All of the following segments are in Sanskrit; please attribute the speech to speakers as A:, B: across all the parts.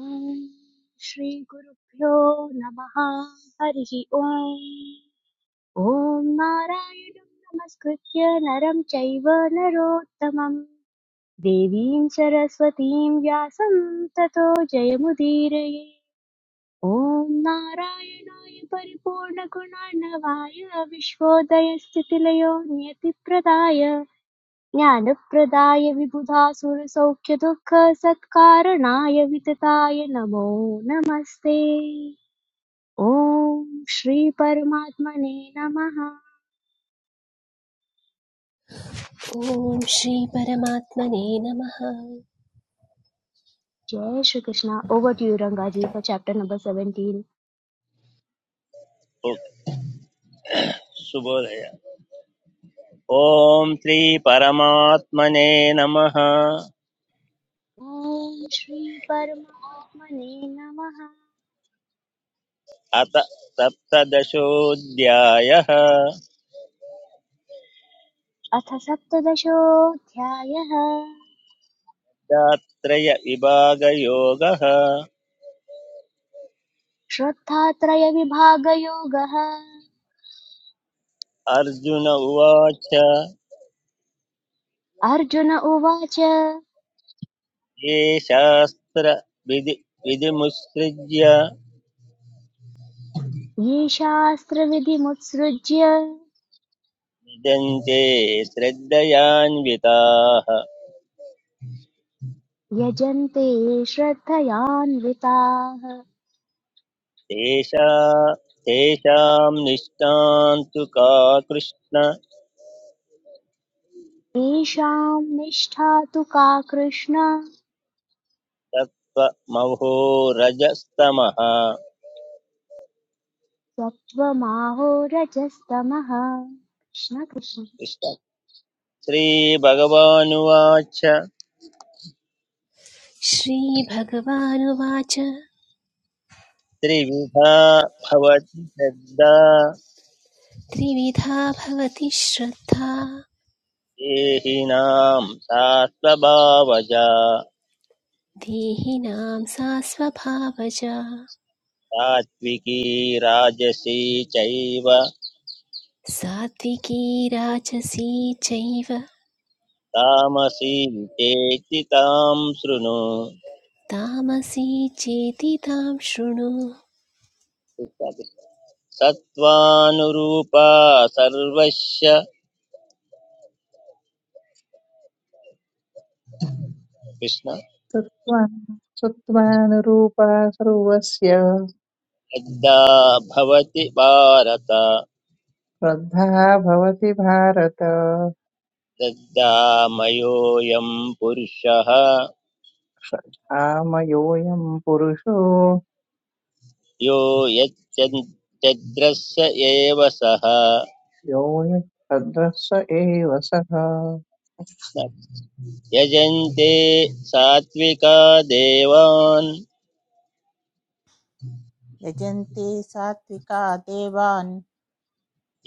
A: ॐ श्रीगुरुभ्यो नमः हरिः ॐ ॐ नारायणं नमस्कृत्य नरं चैव नरोत्तमं देवीं सरस्वतीं व्यासं ततो जयमुदीरये ॐ नारायणाय परिपूर्णगुणार्णवाय विश्वोदयस्थितिलयो नियतिप्रदाय ज्ञानप्रदाय विबुधासुरसौख्यदुःखसत्कारणाय वितताय नमो नमस्ते ॐ श्रीपरमात्मने नमः
B: ॐ श्री परमात्मने नमः
A: जय Shri Krishna over to you Ranga ji for chapter number 17
C: okay शुभोदय ॐ श्रीपरमात्मने नमः
A: ॐ श्री परमात्मने नमः
C: अथ सप्तदशोऽध्यायः
A: अथ सप्तदशोऽध्यायः
C: दात्रयविभागयोगः
A: श्रद्धात्रयविभागयोगः
C: अर्जुन उवाच ये
A: अर्जुन उवाच ये
C: शास्त्रविधि विधिमुत्सृज्य
A: शास्त्रविधिमुत्सृज्य
C: विदन्ते श्रद्धयान्विताः
A: यजन्ते श्रद्धयान्विताः
C: तेषा तेषां निष्ठान्तु का कृष्ण
A: तेषां निष्ठा तु का कृष्ण
C: सत्त्वमहो रजस्तमः
A: सत्त्वमाहो रजस्तमः कृष्ण कृष्ण
C: कृष्ण श्रीभगवानुवाच
B: श्रीभगवानुवाच
C: त्रिविधा भवति श्रद्धा
B: त्रिविधा भवति श्रद्धा
C: देहिनां सा स्वभावजा
B: देहिनां सा स्वभावजा
C: सात्विकी राजसी चैव
B: सात्विकी राजसी चैव
C: तामसी चेति तां शृणु
B: तामसी चेति तां शृणु
C: कृष्ण, कृष्ण। सत्त्वानुरूपा सर्वस्य कृष्ण
D: सत्त्वान् सत्त्वानुरूपा सर्वस्य
C: श्रद्धा भवति भारत
D: श्रद्धा भवति भारत
C: श्रद्धामयोऽयं पुरुषः
D: श्रद्धामयोऽयं पुरुषो
C: यो यच्चन्- चद्रस्य एव सः
D: यो यच्छ्रद्ध स एव सः
C: यजन्ते सात्विका देवान्
E: यजन्ते सात्विका देवान्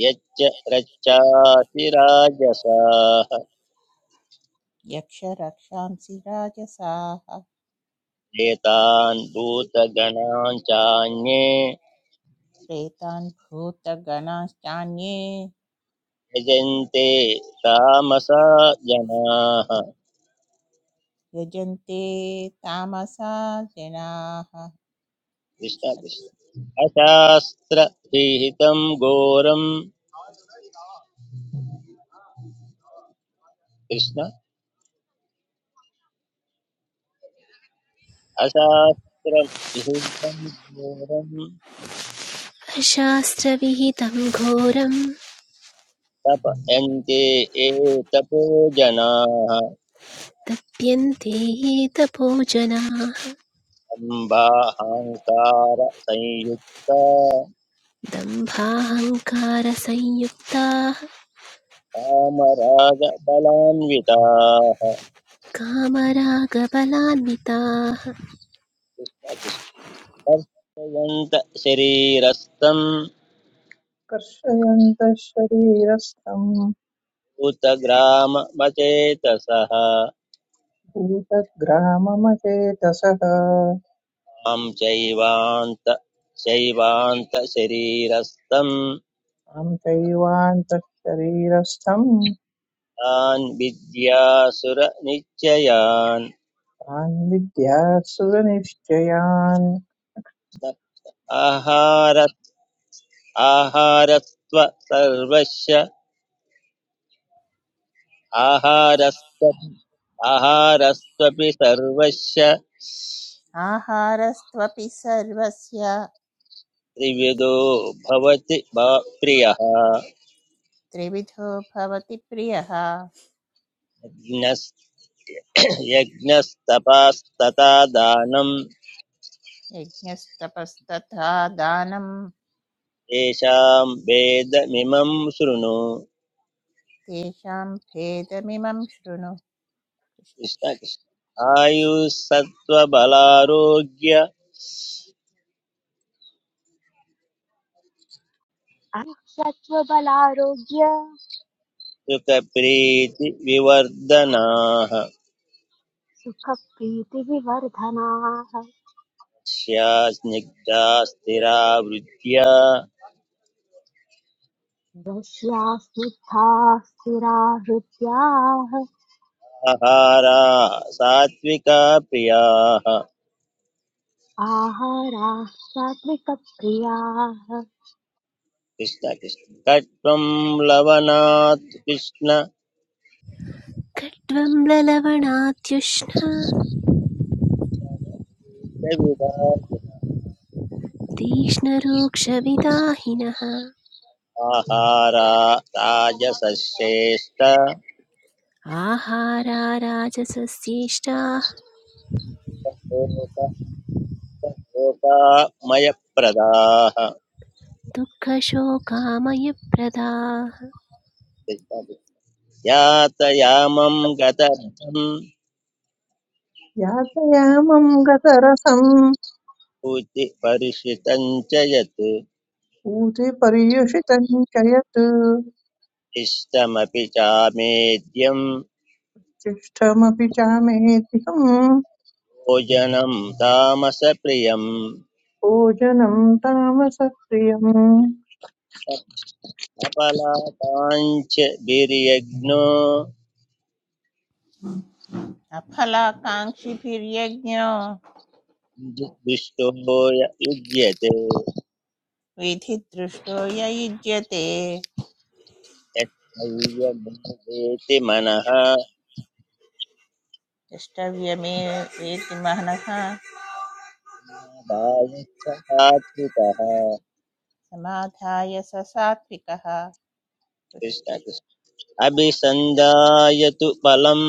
C: यच्च रच्चासि राजसाः
E: यक्षरक्षांसि राजसाः
C: एतान् भूतगणान् चान्ये
E: प्रेतान् भूतगणाश्चान्ये
C: यजन्ते तामसा जनाः
E: यजन्ते तामसा जनाः
C: कृष्ण कृष्ण अशास्त्रविहितं घोरं कृष्ण अशास्त्रविहितं घोरं
B: अशास्त्रविहितं घोरं
C: तपयन्ते ये तपो जनाः
B: तप्यन्ते ये तपोजनाः
C: सम्भाहङ्कार संयुक्ता
B: दम्भाहङ्कारसंयुक्ताः
C: कामरागबलान्विताः
B: कामरागबलान्विताः
C: कृष्णकृष्णर्षयन्त शरीरस्थम्
D: कर्षयन्तः शरीरस्थं
C: उतग्राममचेतसः
D: भूतग्राममचेतसः तां
C: मां चैवान्त शैवान्तशरीरस्थम्
D: चैवान्तः शरीरस्थं
C: तान् विद्यासुरनिश्चयान्
D: तान् विद्यासुरनिश्चयान्
C: आहार आहारस्त्व सर्वस्य आहारस्त्व आहारस्त्वपि सर्वस्य
E: आहारस्त्वपि सर्वस्य
C: त्रिविदो भवति भव- प्रियः
E: त्रिविधो भवति प्रियः
C: यज्ञस् यज्ञस्तपास्तथा दानं
E: यज्ञस्तपस्तथा दानं
C: येषां वेदमिमं शृणु
E: तेषां भेदमिमं शृणु
C: कृष्ण कृष्ण आयुस्सत्त्वबलारोग्य
A: सत्त्वबलारोग्य
C: सुखप्रीतिविवर्धनाः
A: सुखप्रीतिविवर्धनाः
C: स्या स्निग्धा स्थिरा
A: रस्यास्निग्धाः स्थिरा हृत्याः
C: आहारा सात्विका प्रियाः
A: आहाराः सात्विकप्रियाः
C: कृष्ण कृष्ण कट्वं लवणात् कृष्ण
B: खट्वं ललवणात्युष्णा
C: विविधाः
B: तीक्ष्णरूक्षविदाहिनः
C: आहारा राजसश्रेष्ठ
B: आहारा राजसस्येष्टाः
C: मयप्रदाः
B: दुःखशोकामयप्रदाः
C: कृष्ण यातयामं गतम्
D: यातयामं गतरसं
C: ऊचि परिषितं च यत्
D: ऊते पर्युषितम् च यत्
C: इष्टमपि चामेद्यं
D: तिष्ठमपि चामेऽधिकम्
C: भोजनं तामसप्रियम्
D: भोजनम् तामसप्रियम्
C: सफलताञ्च वीर्यज्ञो
E: अफलाकाङ्क्षिभिर्यज्ञो
C: दुष्टो य युज्यते
E: विधिदृष्टो य युज्यते
C: यत्सैर्यमेवेति मनः
E: द्रष्टव्यमे वेति मनः
C: दायत्सहात्विकः
E: समाधाय स सात्विकः
C: कृष्ण कृष्ण अभिसन्धाय तु फलं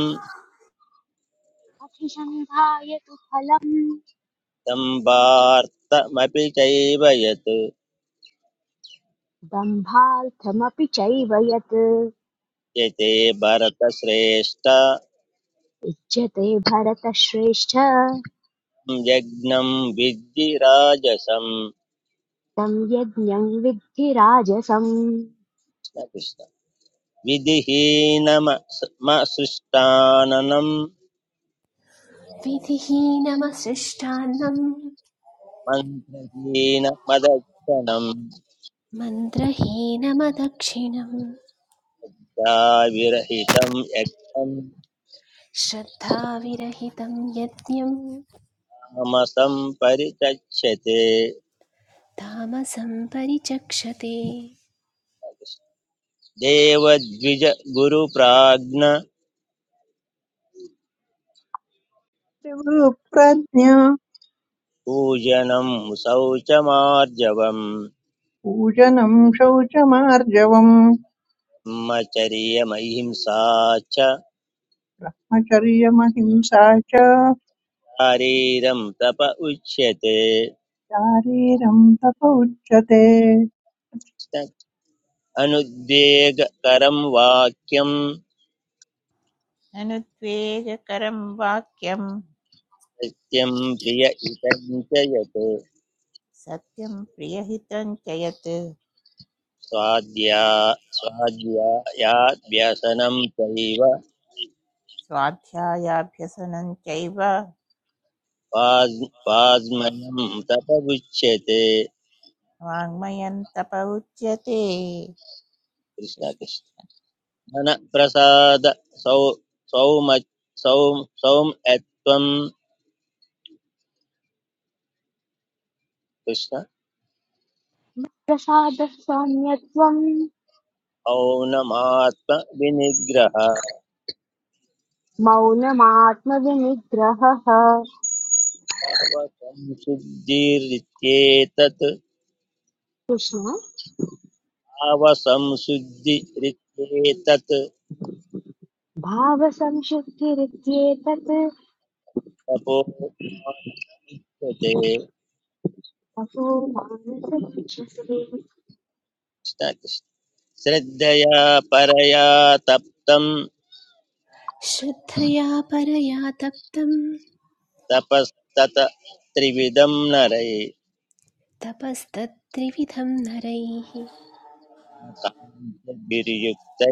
A: अभिसन्धाय तु फलम्
C: सम्भार्तमपि चैव यत्
A: दम्भार्थमपि चैव यत्
C: यते भरतश्रेष्ठ
A: उच्यते भरतश्रेष्ठ
C: यज्ञं विद्धि राजसं
A: तं यज्ञं विद्धि राजसं
C: कृष्ण कृष्ण विधिहीनमसृष्टाननं
B: विधिहीनमसृष्टान्नं
C: मन्त्रहीन मदक्षणम्
B: मन्त्रहीनमदक्षिणम्
C: विरहितं यज्ञं
B: श्रद्धाविरहितं यज्ञं
C: तामसं परिचक्षते
B: तामसं परिचक्षते
C: देवद्विज गुरुप्राज्ञ
D: प्रज्ञा
C: पूजनं शौचमार्जवम्
D: पूजनम् शौचमार्जवम्
C: ब्रह्मचर्यमहिंसा च
D: आचर्यमहिंसा च
C: शारीरं तप उच्यते
D: शारीरम् तप उच्यते
C: अनुद्वेगकरं वाक्यं
E: अनुद्वेगकरं वाक्यं
C: सत्यं प्रिय इदं च यत्
E: सत्यं प्रियहितं च यत्
C: स्वाद्या स्वाध्यायाभ्यसनं चैव
E: स्वाध्यायाभ्यसनं चैव
C: वाज् वाङ्मयं तपगुच्यते
E: वाङ्मयं तप उच्यते कृष्ण-
C: कृष्णकृष्ण धनप्रसाद सौ सौम सौ सौम्यत्वं कृष्ण
A: प्रसादः सौम्यत्वं
C: औनमात्मविनिग्रह
A: मौनमात्मविनिग्रहः
C: आवसंशुद्धिरित्येतत्
A: कृष्ण
C: आवसंशुद्धिरित्येतत्
A: भावसंशुद्धिरित्येतत्
C: तपो माच्यते
A: तपो मानसमुच्यसे
C: कृष्ण कृष्ण श्रद्धया परया तप्तं
B: श्रद्धया परया तप्तं
C: तपस्तत त्रिविधं नरै
B: तपस्तत्त्रिविधं नरैः
C: काञ्चभिर्युक्तै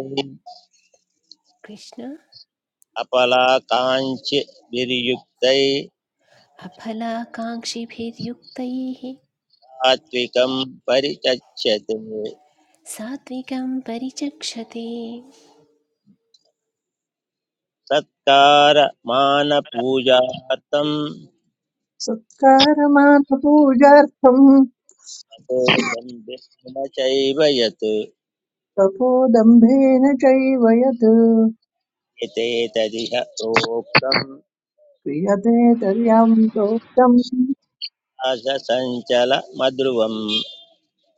B: कृष्ण
C: अपलाकाञ्चभिर्युक्तै
B: अफलाकाङ्क्षिभिर्युक्तैः
C: सात्विकं परिचच्यते
B: सात्विकं परिचक्षते
C: सत्कार मानपूजार्थं
D: सत्कारमानपूजार्थम्
C: ततो दण्डेन चैव यत्
D: तपोदम्भेन चैव यत्
C: एतेतदिह प्रोक्तं
D: क्रियते तर्याम् प्रोक्तम्
C: अज सञ्चल मध्रुवम्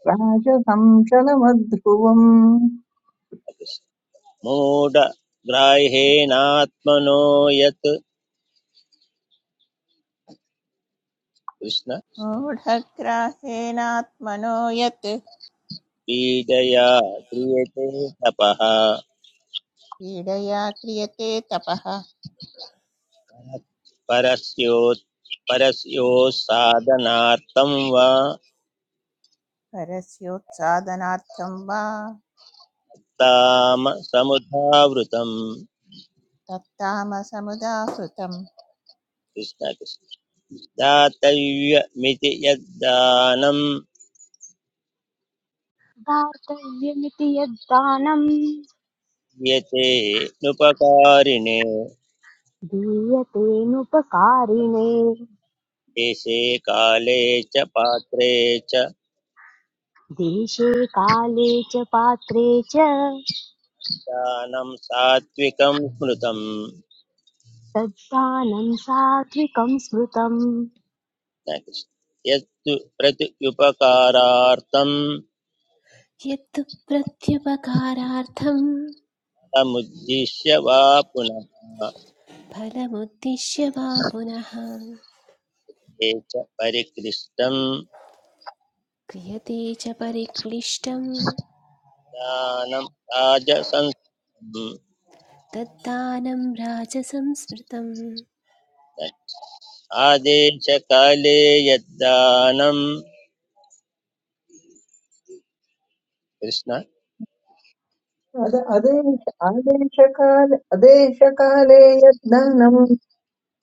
D: राजसं चलमध्रुवम्
C: मूढग्राह्येनात्मनो यत् कृष्ण
E: मूढग्राहेणात्मनो यत्
C: पीडया क्रियते तपः
E: पीडया क्रियते तपः
C: परस्योत् परस्यो परस्योत्साधनार्थं वा
E: परस्योत्सादनार्थं वा
C: ताम समुदावृतम्
E: तत्तामसमुदाहृतम्
C: कृष्ण कृष्ण दातव्यमिति यद्दानं
A: दातव्यमिति यद्दानम्
C: यते नुपकारिणे
A: दीयतेनुपकारिणे
C: देशे काले च पात्रे च
A: देशे काले च पात्रे च
C: दानं सात्विकं स्मृतम्
A: तद्दानं सात्विकं स्मृतम्
C: यत्तु प्रत्युपकारार्थं
B: यत्तु प्रत्युपकारार्थं
C: फलमुद्दिश्य वा पुनः
B: फलमुद्दिश्य वा पुनः
C: ये च परिकृष्टं
B: क्रियते च परिक्लिष्टं
C: दानं राजसंस्थम्
B: तद्दानं राजसंस्मृतं
C: आदेशकाले यद्दानं कृष्ण
D: अद अदेश आदेशकाले अदेशकाले यद्धनम्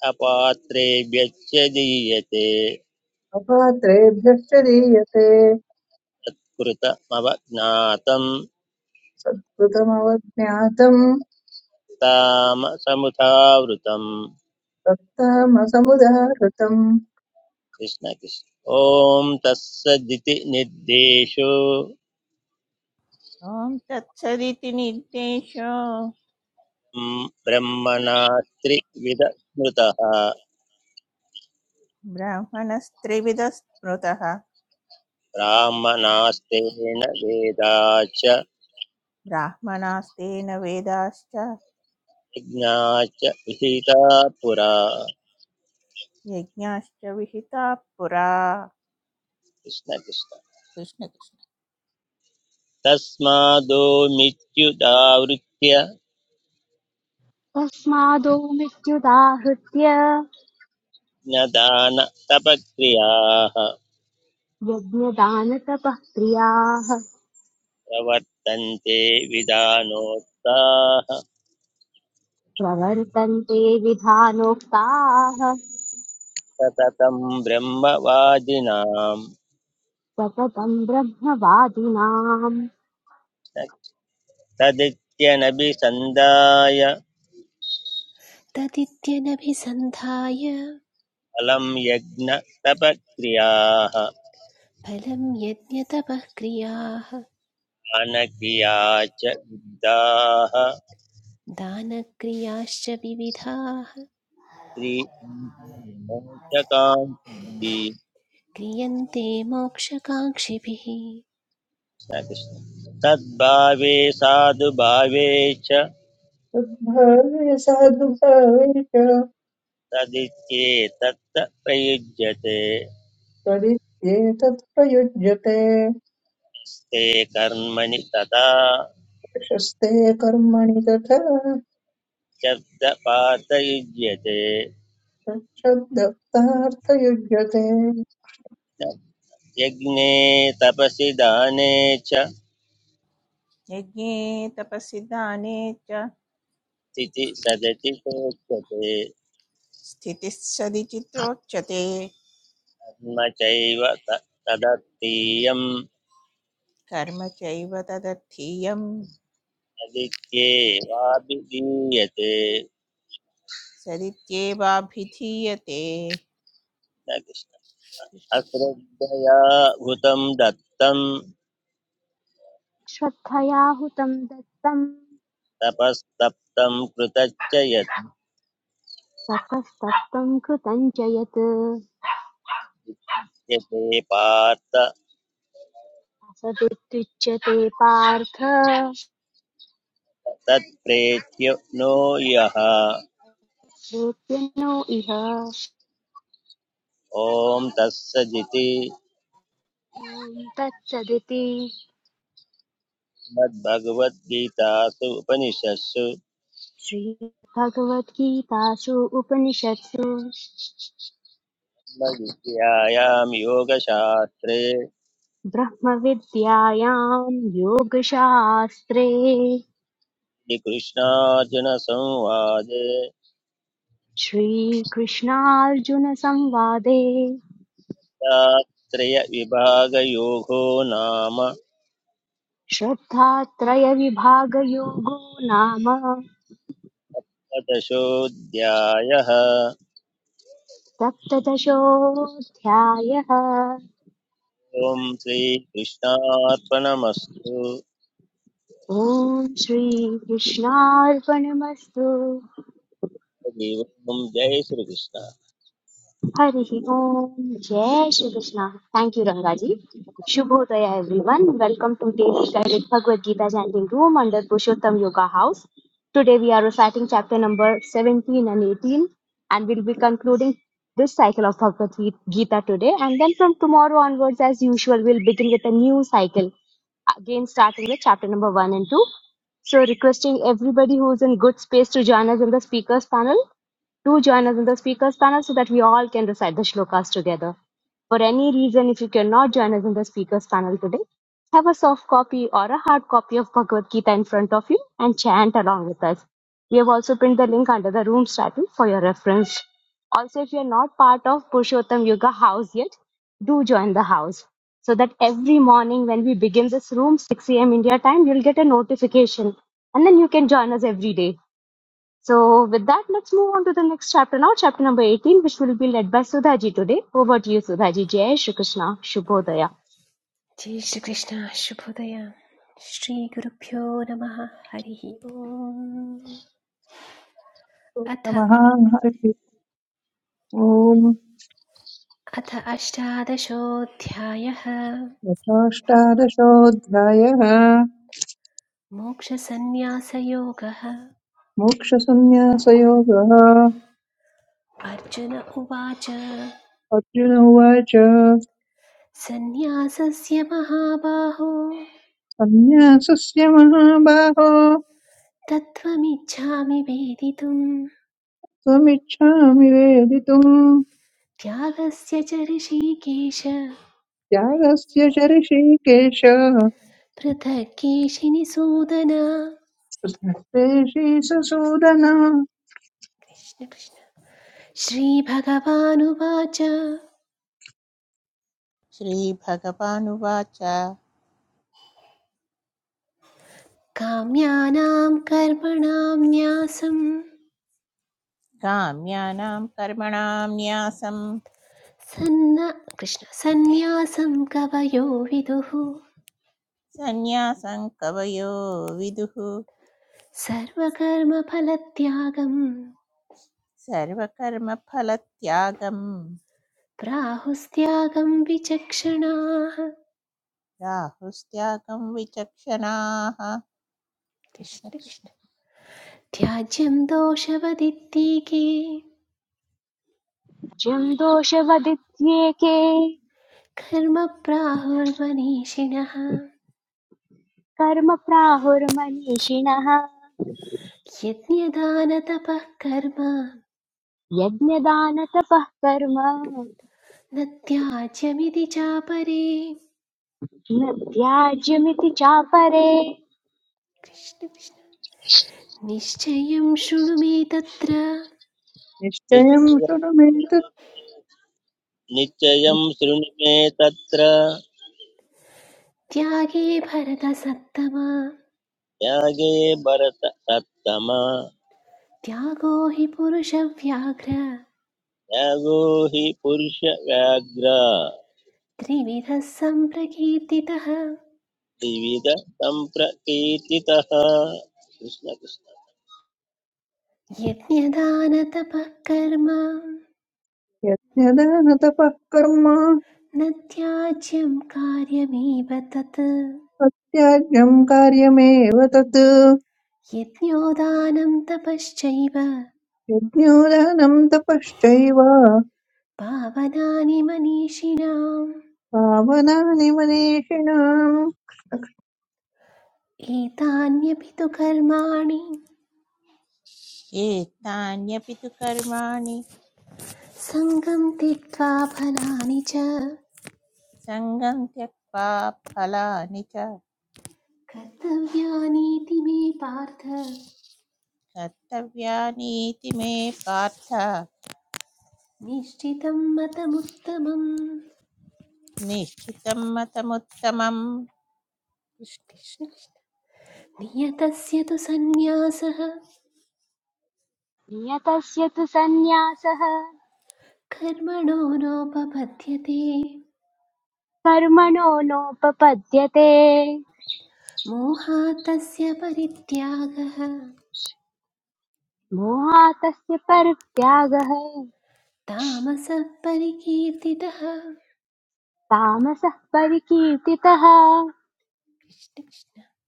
C: अपात्रेभ्यश्च दीयते
D: अपात्रेभ्यश्च दीयते
C: तत्कृतमवज्ञातं
D: सत्कृतमवज्ञातम्
C: तामसमुधावृतं
D: तत्तामसमुदाहृतम्
C: कृष्ण कृष्ण ॐ तत्सदिति निर्देशो
E: ॐ तत्सदिति निर्देशो
C: म् ब्रह्मणा त्रिविधस्मृतः
E: ब्राह्मणस्त्रिविधस्मृतः
C: ब्राह्मणास्तेन वेदाच
E: ब्राह्मणास्तेन वेदाश्च
C: यज्ञाच विहिता पुरा
E: यज्ञाश्च विहिताः पुरा
C: कृष्ण कृष्ण
E: कृष्ण कृष्ण
C: तस्मादो मित्युदावृत्य
A: तस्मादो मृत्युदाहृत्य
C: ज्ञदान तपक्रियाः
A: यज्ञदानतपः क्रियाः
C: प्रवर्तन्ते विधानोक्ताः
A: प्रवर्तन्ते विधानोक्ताः
C: सततं ब्रह्मवादिनाम्
A: सततम् ब्रह्मवादिनाम्
C: तदित्यनभिसन्धाय
B: तदित्यनभिसन्धाय
C: फलं यज्ञतपक्रियाः
B: फलं यज्ञतपः क्रियाः
C: दानक्रिया च विद्धाः
B: दानक्रियाश्च विविधाः
C: श्रीमोचकाङ्क्षी
B: क्रियन्ते मोक्षकाङ्क्षिभिः
C: कृष्ण तद्भावे साधुभावे च
D: तद्भावे साधुभावे च
C: तदित्येतत् प्रयुज्यते
D: त्वदित्येतत् प्रयुज्यते
C: ते कर्मणि तथा
D: प्रशस्ते कर्मणि तथा
C: शब्दपातयुज्यते
D: तच्छब्दप्तार्थयुज्यते
C: यज्ञे तपसि दाने च
E: यज्ञे तपसि दाने च
C: तिथि सदति चोच्यते
E: स्थितिः सदिचित्रोच्यते
C: कर्म चैव त-
E: कर्म चैव तदर्थीयं
C: अलिख्येवाभिधीयते
E: सदित्येवाभिधीयते
C: न कृष्ण।
E: कृष्ण
C: अश्रद्धया भूतं दत्तं
A: श्रद्धया हुतम् दत्तम्
C: तपस्तप्तं कृतच्च
A: ततस्तप्तम् कृतम् च यत्
C: यद्यते पार्थ
A: असदित्युच्यते पार्थ
C: तत्प्रेत्य नो यः
A: वेद्यनो इह
C: ॐ तत्सदिति
A: ॐ तत्सदिति
C: श्रीमद्भगवद्गीतासु उपनिषत्सु
A: श्रीभगवद्गीतासु उपनिषत्सु
C: विद्यायां योगशास्त्रे
A: ब्रह्मविद्यायां योगशास्त्रे
C: श्रीकृष्णार्जुनसंवादे
A: श्रीकृष्णार्जुनसंवादे
C: शास्त्रयविभागयोगो नाम
A: श्रद्धात्रयविभागयोगो नाम
C: दशोऽध्यायः
A: सप्तदशोऽध्यायः
C: ॐ श्रीकृष्णार्पणमस्तु
A: ॐ श्रीकृष्णार्पणमस्तु
C: हरि ओम् जय Shri Krishna
A: Hare Om, Jai Shri Krishna. Thank you, Rangaji. Shubhodaya, everyone. Welcome to Daily Guided Bhagavad Gita Chanting Room under Pushottam Yoga House. Today we are reciting chapter number 17 and 18, and we'll be concluding this cycle of Bhagavad Gita today. And then from tomorrow onwards, as usual, we'll begin with a new cycle, again starting with chapter number 1 and 2. So, requesting everybody who's in good space to join us in the speakers panel. Do join us in the speakers panel so that we all can recite the shlokas together. For any reason, if you cannot join us in the speakers panel today, have a soft copy or a hard copy of Bhagavad Gita in front of you and chant along with us. We have also pinned the link under the room's title for your reference. Also, if you are not part of Purushottam Yoga House yet, do join the house so that every morning when we begin this room, 6 a.m. India time, you'll get a notification and then you can join us every day. So, with that, let's move on to the next chapter now, chapter number 18, which will be led by Sudhaji today. Over to you, Sudhaji. Jai Shri Krishna, Shubhodaya.
B: जय श्रीकृष्ण शुभोदय श्रीगुरुभ्यो नमः हरिः ओम् अथ
D: नमः हरिः ओम्
B: अथ अष्टादशोऽध्यायः
D: यथाष्टादशोऽध्यायः
B: मोक्षसन्न्यासयोगः
D: मोक्षसंन्यासयोगः
B: अर्जुन उवाच
D: अर्जुन उवाच
B: सन्न्यासस्य महाबाहो
D: संन्यासस्य महाबाहो
B: तत्त्वमिच्छामि वेदितुम्
D: त्वमिच्छामि वेदितुम्
B: त्यागस्य च ऋषिकेश
D: त्यागस्य च ऋषिकेश
B: पृथक् केशिनि
D: कृष्णस्तेषि ससूदन
B: कृष्ण कृष्ण श्रीभगवानुवाच
E: श्रीभगवानुवाच
B: काम्यानां कर्मणां न्यासं
E: काम्यानां कर्मणां न्यासं
B: सन्न कृष्ण सन्न्यासं कवयो विदुः
E: सन्न्यासं कवयो विदुः
B: सर्वकर्मफलत्यागं
E: सर्वकर्मफलत्यागं
B: प्राहुस्त्यागं विचक्षणाः
E: राहुस्त्यागं विचक्षणाः कृष्ण
B: कृष्ण
E: कृष्ण।
B: कृष्ण त्याज्यं दोषवदित्तीके
A: Jim doshavadityeke
B: कर्म प्राहुर्मनीषिणः
A: karma prahurmanishinaha
B: यज्ञदानतपः कर्म
A: यज्ञदानतपः कर्म न
B: न त्याज्यमिति चापरे
A: त्याज्यमिति चापरे
B: कृष्ण कृष्ण निश्चयं शृणु मे तत्र
D: निश्चयम्
C: निश्चय
D: शृणु मे तत्
C: निश्चयं शृणु मे तत्र
B: त्यागे भरतसत्तमा
C: त्यागे भरत सत्तम
B: त्यागो हि पुरुषव्याघ्र
C: त्यागो हि पुरुषव्याघ्र
B: त्रिविधः सम्प्रकीर्तितः
C: द्विविध सम्प्रकीर्तितः कृष्ण कृष्ण
B: यज्ञदानतपः कर्म
D: यद्यदान तपः कर्म
B: न त्याज्यं कार्यमेव तत्
D: प्रत्याज्यम् कार्यमेव तत्
B: यज्ञोदानं तपश्चैव
D: यज्ञोदानम् तपश्चैव
B: पावनानि मनीषिणाम्
D: पावनानि मनीषिणाम्
B: एतान्यपि तु कर्माणि
E: एतान्यपि तु कर्माणि
B: सङ्गं त्यक्त्वा फलानि च
E: सङ्गं त्यक्त्वा फलानि च
B: कर्तव्यानीति मे पार्थ
E: कर्तव्यानीति मे पार्थ
B: निश्चितं मतमुत्तमम्
E: निश्चितं मतमुत्तमं
B: कृष्ण कृष्ण। नियतस्य तु सन्न्यासः
A: नियतस्य तु सन्न्यासः
B: कर्मणो नोपपद्यते
A: कर्मणो नोपपद्यते
B: मोहात् तस्य परित्यागः
A: मोहातस्य परित्यागः
B: तामसः परिकीर्तितः
A: तामसः परिकीर्तितः
B: कृष्ण कृष्ण।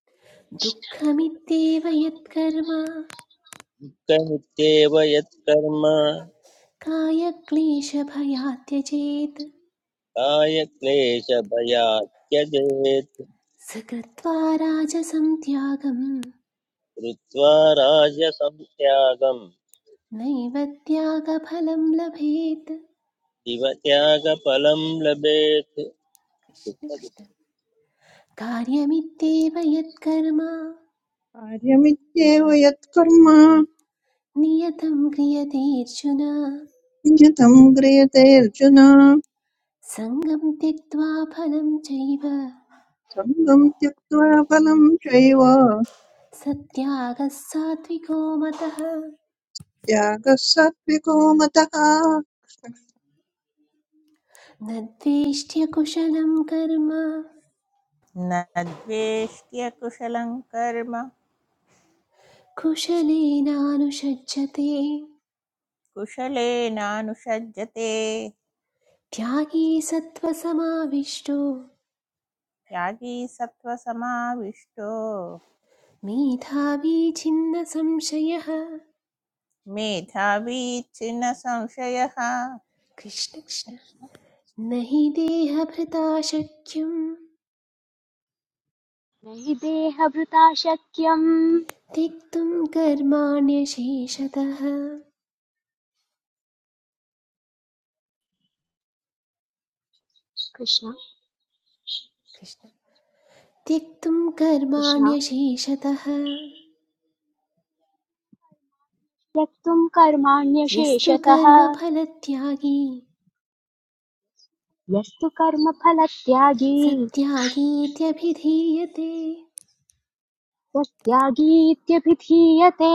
B: दुःखमित्येव यत्कर्म
C: कृत्येव यत्कर्म
B: कायक्लेशभयात् त्यजेत्
C: काय क्लेशभयात् त्यजेत्
B: स कृत्वा राजसं त्यागम्
C: कृत्वा राजसंत्यागम्
B: नैव त्यागफलं लभेत्
C: इव त्यागफलम् लभेत्
B: कृष्ण कृष्ण। कार्यमित्येव यत्कर्म
D: कार्यमित्येव यत्कर्म
B: नियतं क्रियतेऽर्जुन
D: नियतं क्रियते अर्जुन
B: सङ्गं त्यक्त्वा फलं चैव
D: सङ्गं त्यक्त्वा फलं चैव
B: सत्यागः सात्विको मतः न
D: त्यागः सात्विको मतः
B: द्वेष्ट्य कुशलं कर्म
E: न द्वेष्ट्यकुशलं कर्म
B: कुशलेनानुषज्यते
E: कुशलेनानुषज्यते
B: त्यागी सत्त्वसमाविष्टो
E: त्यागी सत्त्वसमाविष्टो
B: मेधावी छिन्न संशयः
E: मेधावी छिन्न संशयः
B: कृष्ण कृष्ण न हि देहभृता शक्यं
A: न हि देहभृता शक्यम्
B: त्यक्तुं कर्माण्यशेषतः
A: कृष्ण
B: कृष्ण त्यक्तुं
A: कृष्ण
B: कर्माण्यशेषतः
A: त्यक्तुम्
B: यस्तु
A: कर्माण्यशेषतः
B: कर्मफलत्यागी
A: यस्तु कर्मफलत्यागी
B: सत्यागीत्यभिधीयते
A: तस्त्यागीत्यभिधीयते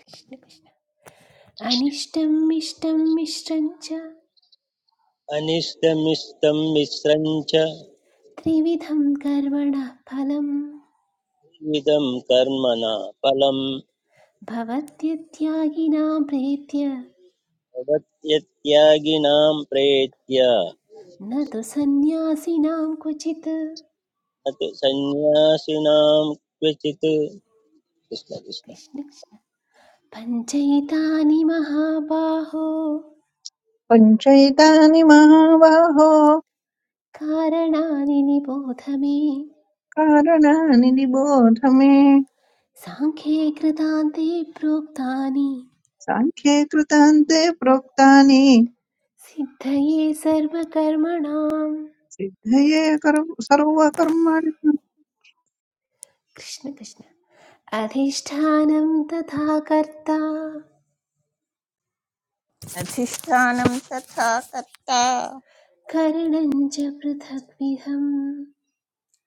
B: कृष्ण कृष्ण अनिष्टम् इष्टं मिश्रं च
C: अनिष्टमिष्टं मिश्रं च
B: त्रिविधं कर्मणः फलं
C: इदं कर्म न फलम्
B: भवत्यत्यागिनां प्रेत्य
C: भवत्यत्यागिनां प्रेत्य न
B: न तु सन्न्यासिनां क्वचित्
C: तु सन्न्यासिनां क्वचित् कृष्ण कृष्ण
B: कृष्ण कृष्ण पञ्चैतानि महाबाहो
D: पञ्चैतानि महाबाहो
B: कारणानि निबोध मे
D: कारणानि निबोध मे
B: साङ्ख्ये कृतान्ते प्रोक्तानि
D: साङ्ख्ये कृतान्ते प्रोक्तानि
B: सिद्धये सर्वकर्मणाम्
D: सिद्धये कर्म सर्वकर्माणि
B: कृष्ण कृष्ण अधिष्ठानं तथा कर्ता
E: अधिष्ठानं तथा कर्ता
B: करणं च पृथग्विधम्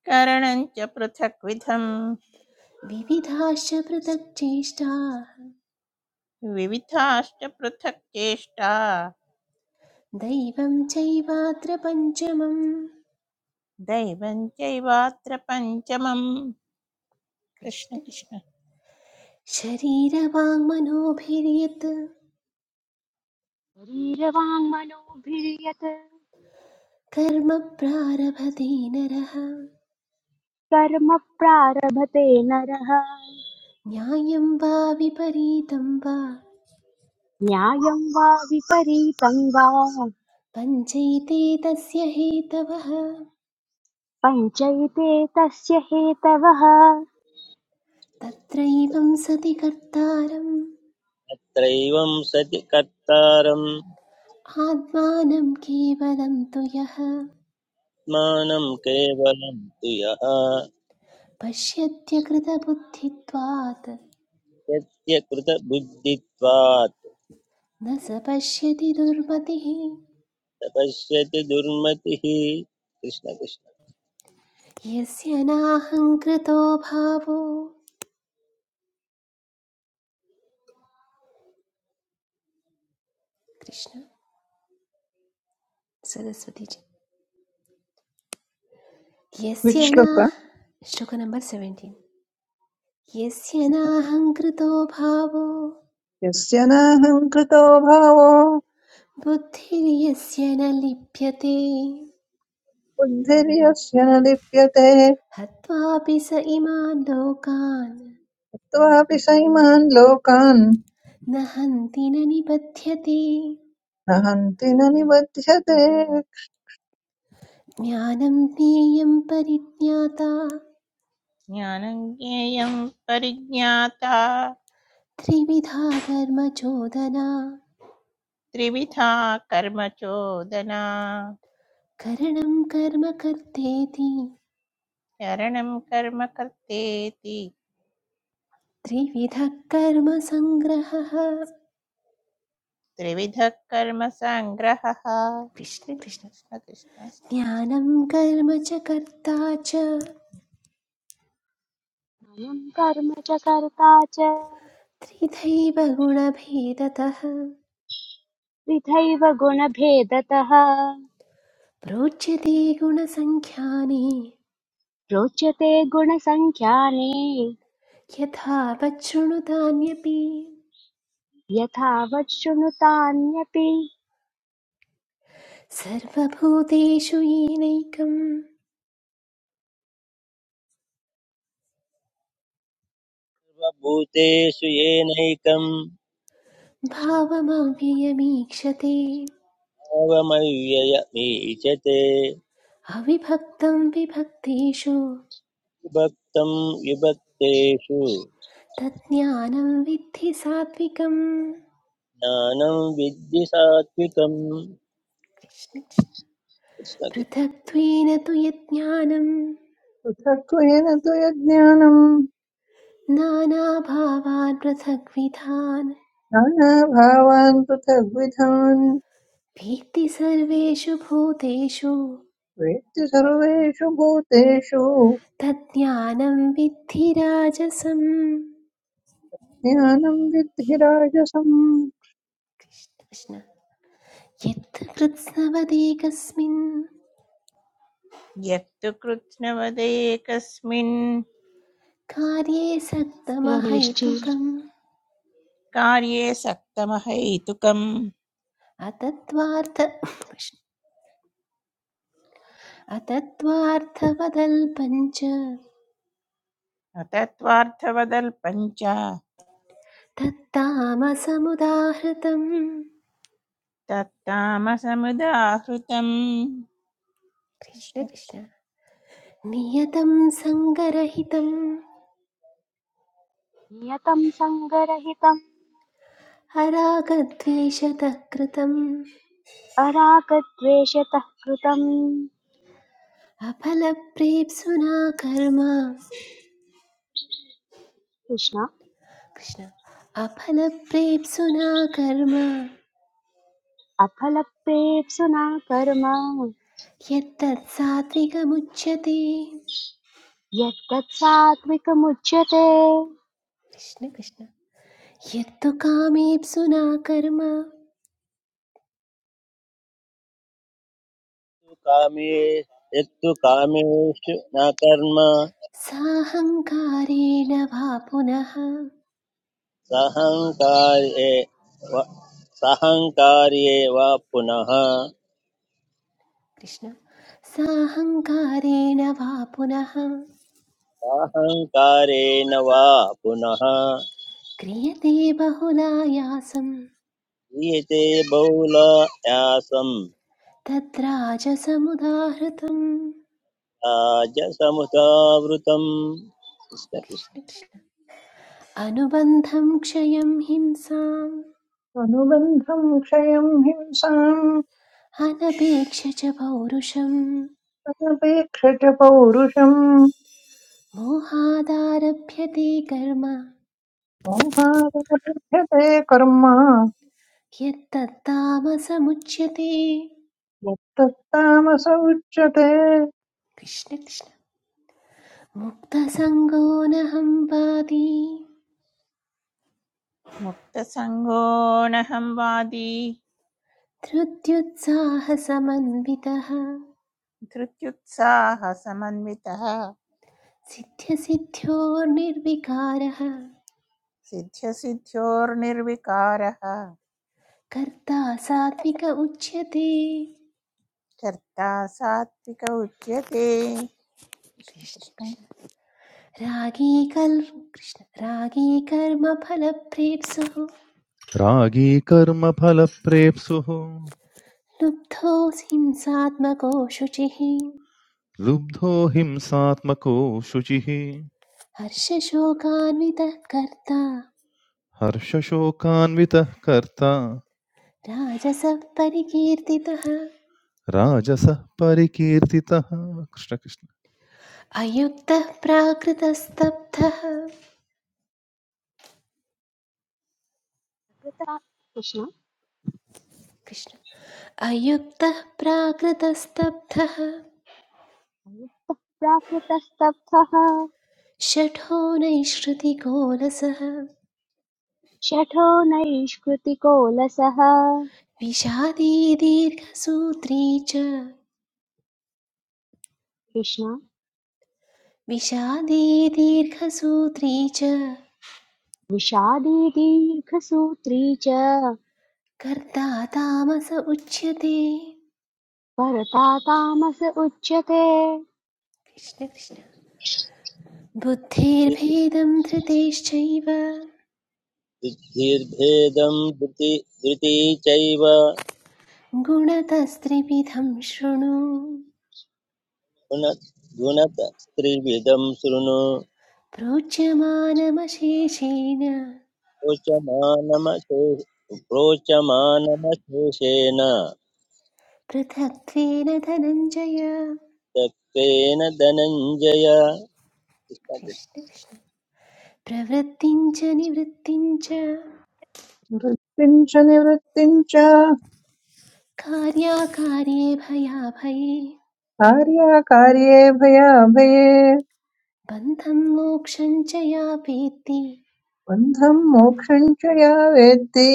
E: करणं च पृथक्विधम्
B: विविधाश्च पृथक् चेष्टाः
E: विविधाश्च पृथक् चेष्टा
B: दैवं चैवात्र पञ्चमम्
E: दैवं चैवात्र पञ्चमम्
B: कृष्ण कृष्ण
E: कृष्णकृष्ण
B: शरीरवाङ्मनोभिर्यत्
A: शरीरवाङ्मनोभिर्यत्
B: कर्म प्रारभते नरः
A: कर्म प्रारभते नरः
B: न्यायं वा विपरीतं वा
A: न्यायं वा विपरीतं वा
B: पञ्चैते तस्य हेतवः
A: पञ्चैते तस्य हेतवः अयं
B: तत्रैवं सति कर्तारम्
C: अत्रैवं सति कर्तारं
B: आत्मानं केवलं तु यः
C: मानं केवलं तु यः
B: पश्यत्यकृतबुद्धित्वात्
C: यस्य कृतबुद्धित्वात्
B: न स पश्यति दुर्मतिः
C: तपश्यति दुर्मतिः कृष्ण कृष्ण
B: यस्य नाहङ्कृतो भावो कृष्ण सरस्वती जी यस्य ना
D: विक्ष्णुक
B: श्लोक नंबर 17 यस्य नाहङ्कृतो भावो
D: यस्य नाहङ्कृतो भावो
B: बुद्धिर्यस्य न लिप्यते
D: बुद्धिर्यस्य न लिप्यते
B: हत्वापि स इमान् लोकान्
D: त्वापि सैमान् लोकान्
B: न हन्ति न निबध्यते
D: न हन्ति न निबध्यते
B: ज्ञानं ज्ञेयं परिज्ञाता
E: ज्ञानं ज्ञेयं परिज्ञाता
B: त्रिविधा कर्मचोदना
E: त्रिविधा कर्म चोदना
B: करणं कर्म कर्तेति
E: चरणं कर्म कर्तेति
B: त्रिविधः कर्म सङ्ग्रहः
E: त्रिविधः कर्म सङ्ग्रहः कृष्ण
B: कृष्ण कृष्ण
E: कृष्ण
B: ज्ञानं कर्म च कर्ता च
A: कर्म च कर्ता च
B: त्रिधैव गुणभेदतः
A: विधैव गुणभेदतः
B: प्रोच्यते गुणसङ्ख्यानि
A: रोचते गुणसङ्ख्याने
B: यथा वच्छृणुतान्यपि
A: यथावत् शृणुतान्यपि
B: सर्वभूतेषु येनैकं
C: स्वभूतेषु येनैकम्
B: भावमव्ययमीक्षते
C: आवमव्ययमीचते
B: अविभक्तं विभक्तेषु
C: विभक्तं विभक्तेषु
B: तज्ज्ञानं विद्धि सात्विकम्
C: ज्ञानं विद्धि सात्विकम् कृष्णकृत्तु
B: पृथक्त्वेन तु यज्ञानं
D: पृथक्त्वेन तु यज्ञानम्
B: नानाभावान् पृथग्विधान्
D: नानाभावान् पृथग्विधान्
B: वेत्ति सर्वेषु भूतेषु
D: वेत्ति सर्वेषु भूतेषु
B: तज्ज्ञानं विद्धि राजसम्
D: ज्ञानं विद्धि राजसम्
B: कृष्ण यत् कृत्स्नवदेकस्मिन्
E: यत्तु कृत्स्नवदेकस्मिन्
B: कार्ये
A: रमेश्चे
B: सक्तमहैतुकम्
E: कार्ये सक्तमहैतुकम्
B: अतत्त्वार्थ कृष्ण।
E: अतत्त्वार्थवदल्पञ्च
B: तत्तामसमुदाहृतम्
E: तत्तामसमुदाहृतम्
B: कृष्ण
E: कृष्ण कृष्ण।
B: कृष्ण नियतं सङ्गरहितं
A: नियतं सङ्गरहितम्
B: हरागद्वेषतः कृतम्
A: अरागद्वेषतः कृतम्
B: अफल प्रेम सुना कर्म
A: कृष्ण
B: कृष्ण अफल प्रेम सुना कर्म
A: अफलप्रेप्सुना कर्म
B: यत्तत् सात्विकमुच्यते
A: यत्तत् सात्विकमुच्यते
B: कृष्ण कृष्ण यत्तु कामेप्सुना कर्म
C: कामे यत्तु कामेषु न कर्म
B: साहङ्कारेण वा पुनः
C: सहङ्कार्ये व- सहङ्कार्ये वा पुनः
B: कृष्ण साहङ्कारेण वा पुनः
C: साहङ्कारेण वा पुनः
B: क्रियते बहुलायासं
C: क्रियते बहुलायासं
B: तद्राजसमुदाहृतम्
C: राजसमुदावृतम्
B: कृष्ण कृष्ण अनुबन्धं क्षयं हिंसाम्
D: अनुबन्धं क्षयं हिंसाम्
B: अनपेक्ष च पौरुषम्
D: अनपेक्ष च पौरुषम्
B: मोहादारभ्यते कर्म
D: मोहादपलभ्यते कर्म
B: यत्तत्तामसमुच्यते
D: यत्तत्तामस उच्यते
B: कृष्ण कृष्ण मुक्तसङ्गो नहं पादी
E: मुक्तसङ्गोऽहं वादी
B: धृत्युत्साहसमन्वितः
E: धृत्युत्साहसमन्वितः
B: सिद्ध्यसिद्ध्योर्निर्विकारः
E: सिद्ध्यसिद्ध्योर्निर्विकारः
B: कर्ता सात्विक उच्यते
E: कर्ता सात्विक उच्यते कृष्ण
B: कृष्ण
E: कृष्ण
B: रागी कल् कृष्ण रागी कर्मफलप्रेप्सुः
F: रागी कर्मफलप्रेप्सुः
B: लुब्धोऽसि हिंसात्मको शुचिः
F: लुब्धो हिंसात्मको शुचिः
B: हर्षशोकान्वितः कर्ता
F: हर्षशोकान्वितः कर्ता
B: राजसः परिकीर्तितः
F: राजसः परिकीर्तितः कृष्ण कृष्ण
B: अयुक्तः प्राकृतस्तब्धः
A: कृता- कृष्ण
B: कृष्ण अयुक्तः प्राकृतस्तब्धः
A: प्राकृतस्तब्धः
B: शठो नैश्रुतिकोलसः
A: शठो नैष्कृतिको लसः
B: विषादी दीर्घसूत्री च
A: कृष्ण
B: विषादी दीर्घसूत्री च
A: विषादी दीर्घसूत्री च
B: कर्ता तामस उच्यते
A: परता तामस उच्यते
B: कृष्ण कृष्ण बुद्धेर्भेदं धृतेश्चैव
C: बुद्धिर्भेदं धृति धृती चैव
B: गुणतस्त्रिविधं शृणु
C: गुण गुणत त्रिविधं शृणु
B: प्रोच्यमानमशेषेण
C: प्रोचमानमशे प्रोचमानमशेषेण
B: पृथक्त्वेन धनञ्जय
C: तत्त्वेन धनञ्जय
B: कृष्ण कृष्ण प्रवृत्तिं च निवृत्तिं च
D: वृत्तिम् च निवृत्तिम् च
B: कार्याकार्ये भयाभये
D: कार्याकार्ये भयाभये
B: बन्धं मोक्षं च या वेत्ति
D: बन्धं मोक्षं च या वेत्ति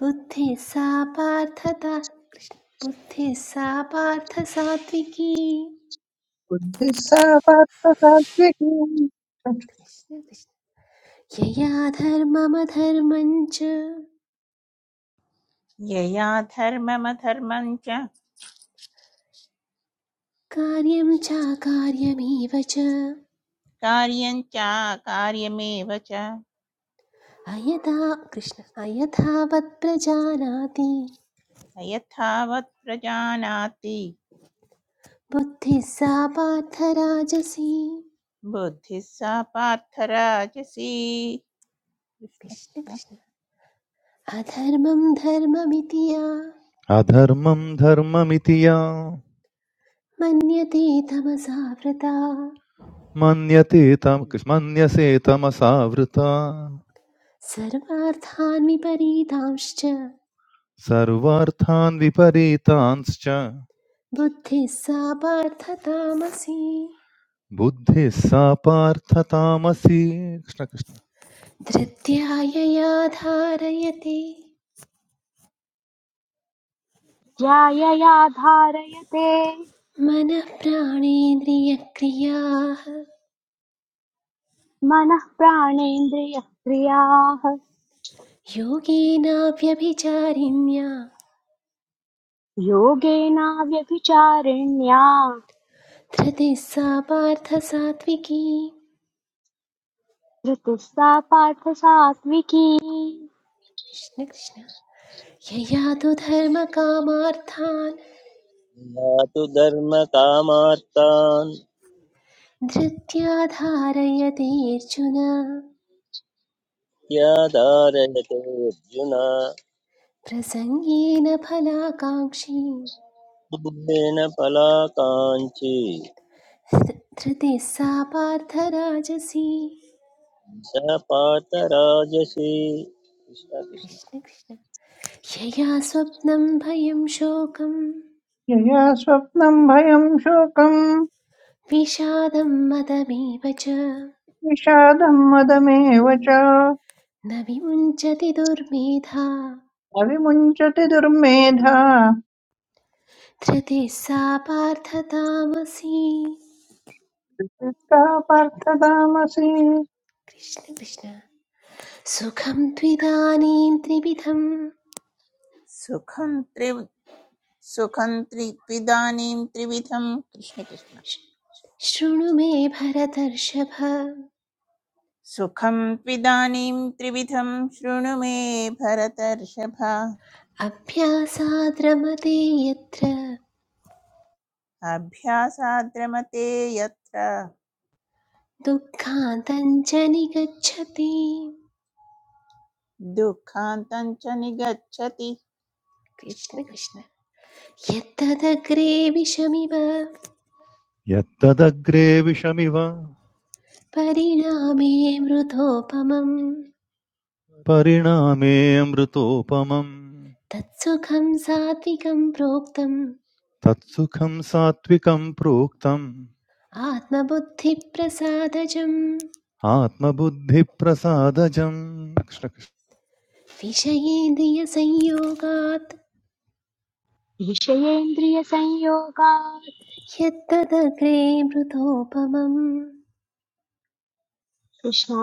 B: बुद्धिः सा पार्थता कृष्ण बुद्धिः सा पार्थ सात्विकी
D: बुद्धिः सा पात्र सात्विकी
B: कृष्ण कृष्ण यया धर्ममधर्मञ्च
E: यया धर्ममधर्मं च
B: कार्यं चाकार्यमेव च
E: कार्यं चाकार्यमेव च
B: अयथा कृष्ण अयथावत् प्रजानाति
E: अयथावत् प्रजानाति
B: बुद्धिः सा पार्थ राजसी
E: बुद्धिः सा पार्थराजसी कृष्ण
B: कृष्ण
E: कृष्ण
B: कृष्ण अधर्मं धर्ममिति या
F: अधर्मं धर्ममिति या
B: मन्यते तमसा वृता
F: मन्यते तम मन्यसे तमसावृता
B: सर्वार्थान् विपरीतांश्च
F: सर्वार्थान् विपरीतांश्च
B: बुद्धिः सा पार्थतामसी
F: बुद्धिः सा पार्थ तामसी कृष्ण कृष्ण
B: धृत्या यया धारयते
A: ज्यायया धारयते
B: मनः प्राणेन्द्रियक्रियाः
A: मनः प्राणेन्द्रियः क्रियाः
B: योगेनाव्यभिचारिण्या
A: योगेनाव्यभिचारिण्या
B: धृतिः सा पार्थ सात्विकी
A: धृतिः सा पार्थ सात्विकी
B: कृष्ण कृष्ण यया तु धर्मकामार्थान्
C: यातु धर्मकामार्तान्
B: धृत्या धारयते अर्जुन
C: याधारयते अर्जुन
B: प्रसङ्गेन फलाकाङ्क्षी
C: फलाकाङ्क्षी
B: धृतिः सा पार्थराजसी
C: स पातराजसि कृष्ण कृष्ण
B: कृष्ण कृष्ण क्षया स्वप्नं भयं शोकं
D: यया स्वप्नं भयं शोकं
B: विषादं मदमेव च
D: विषादं मदमेव च न
B: न विमुञ्चति दुर्मेधा
D: विमुञ्चति दुर्मेधा
B: धृतिः सा पार्थतामसि
D: यत्का पार्थतामसि न
B: कृष्ण कृष्ण सुखं त्विदानीं त्रिविधं
E: सुखं त्रि सुखं त्रि त्विदानीं त्रिविधं कृष्ण कृष्ण
B: श्- शृणु मे भरतर्षभ
E: सुखं त्विदानीं त्रिविधं शृणु मे भरतर्षभ
B: अभ्यासाद्रमते यत्र
E: अभ्यासाद्रमते यत्र
B: दुःखान्तञ्च निगच्छति
E: दुःखान्तं च निगच्छति कृष्ण
B: कृष्ण
E: कृष्ण
B: कृष्ण यत्तदग्रे विषमिव
F: यत्तदग्रे विषमिव
B: परिणामे मृतोपमम्
F: परिणामे परिणामेऽमृतोपमम्
B: तत्सुखं सात्विकं प्रोक्तम्
F: तत्सुखं सात्विकं प्रोक्तं
B: आत्मबुद्धिप्रसादजम्
F: आत्मबुद्धिप्रसादजम्
B: विषयेन्द्रियसंयोगात्
A: विषयेन्द्रियसंयोगात्
B: यत्तदग्रे मृतोपमम्
A: कृष्णा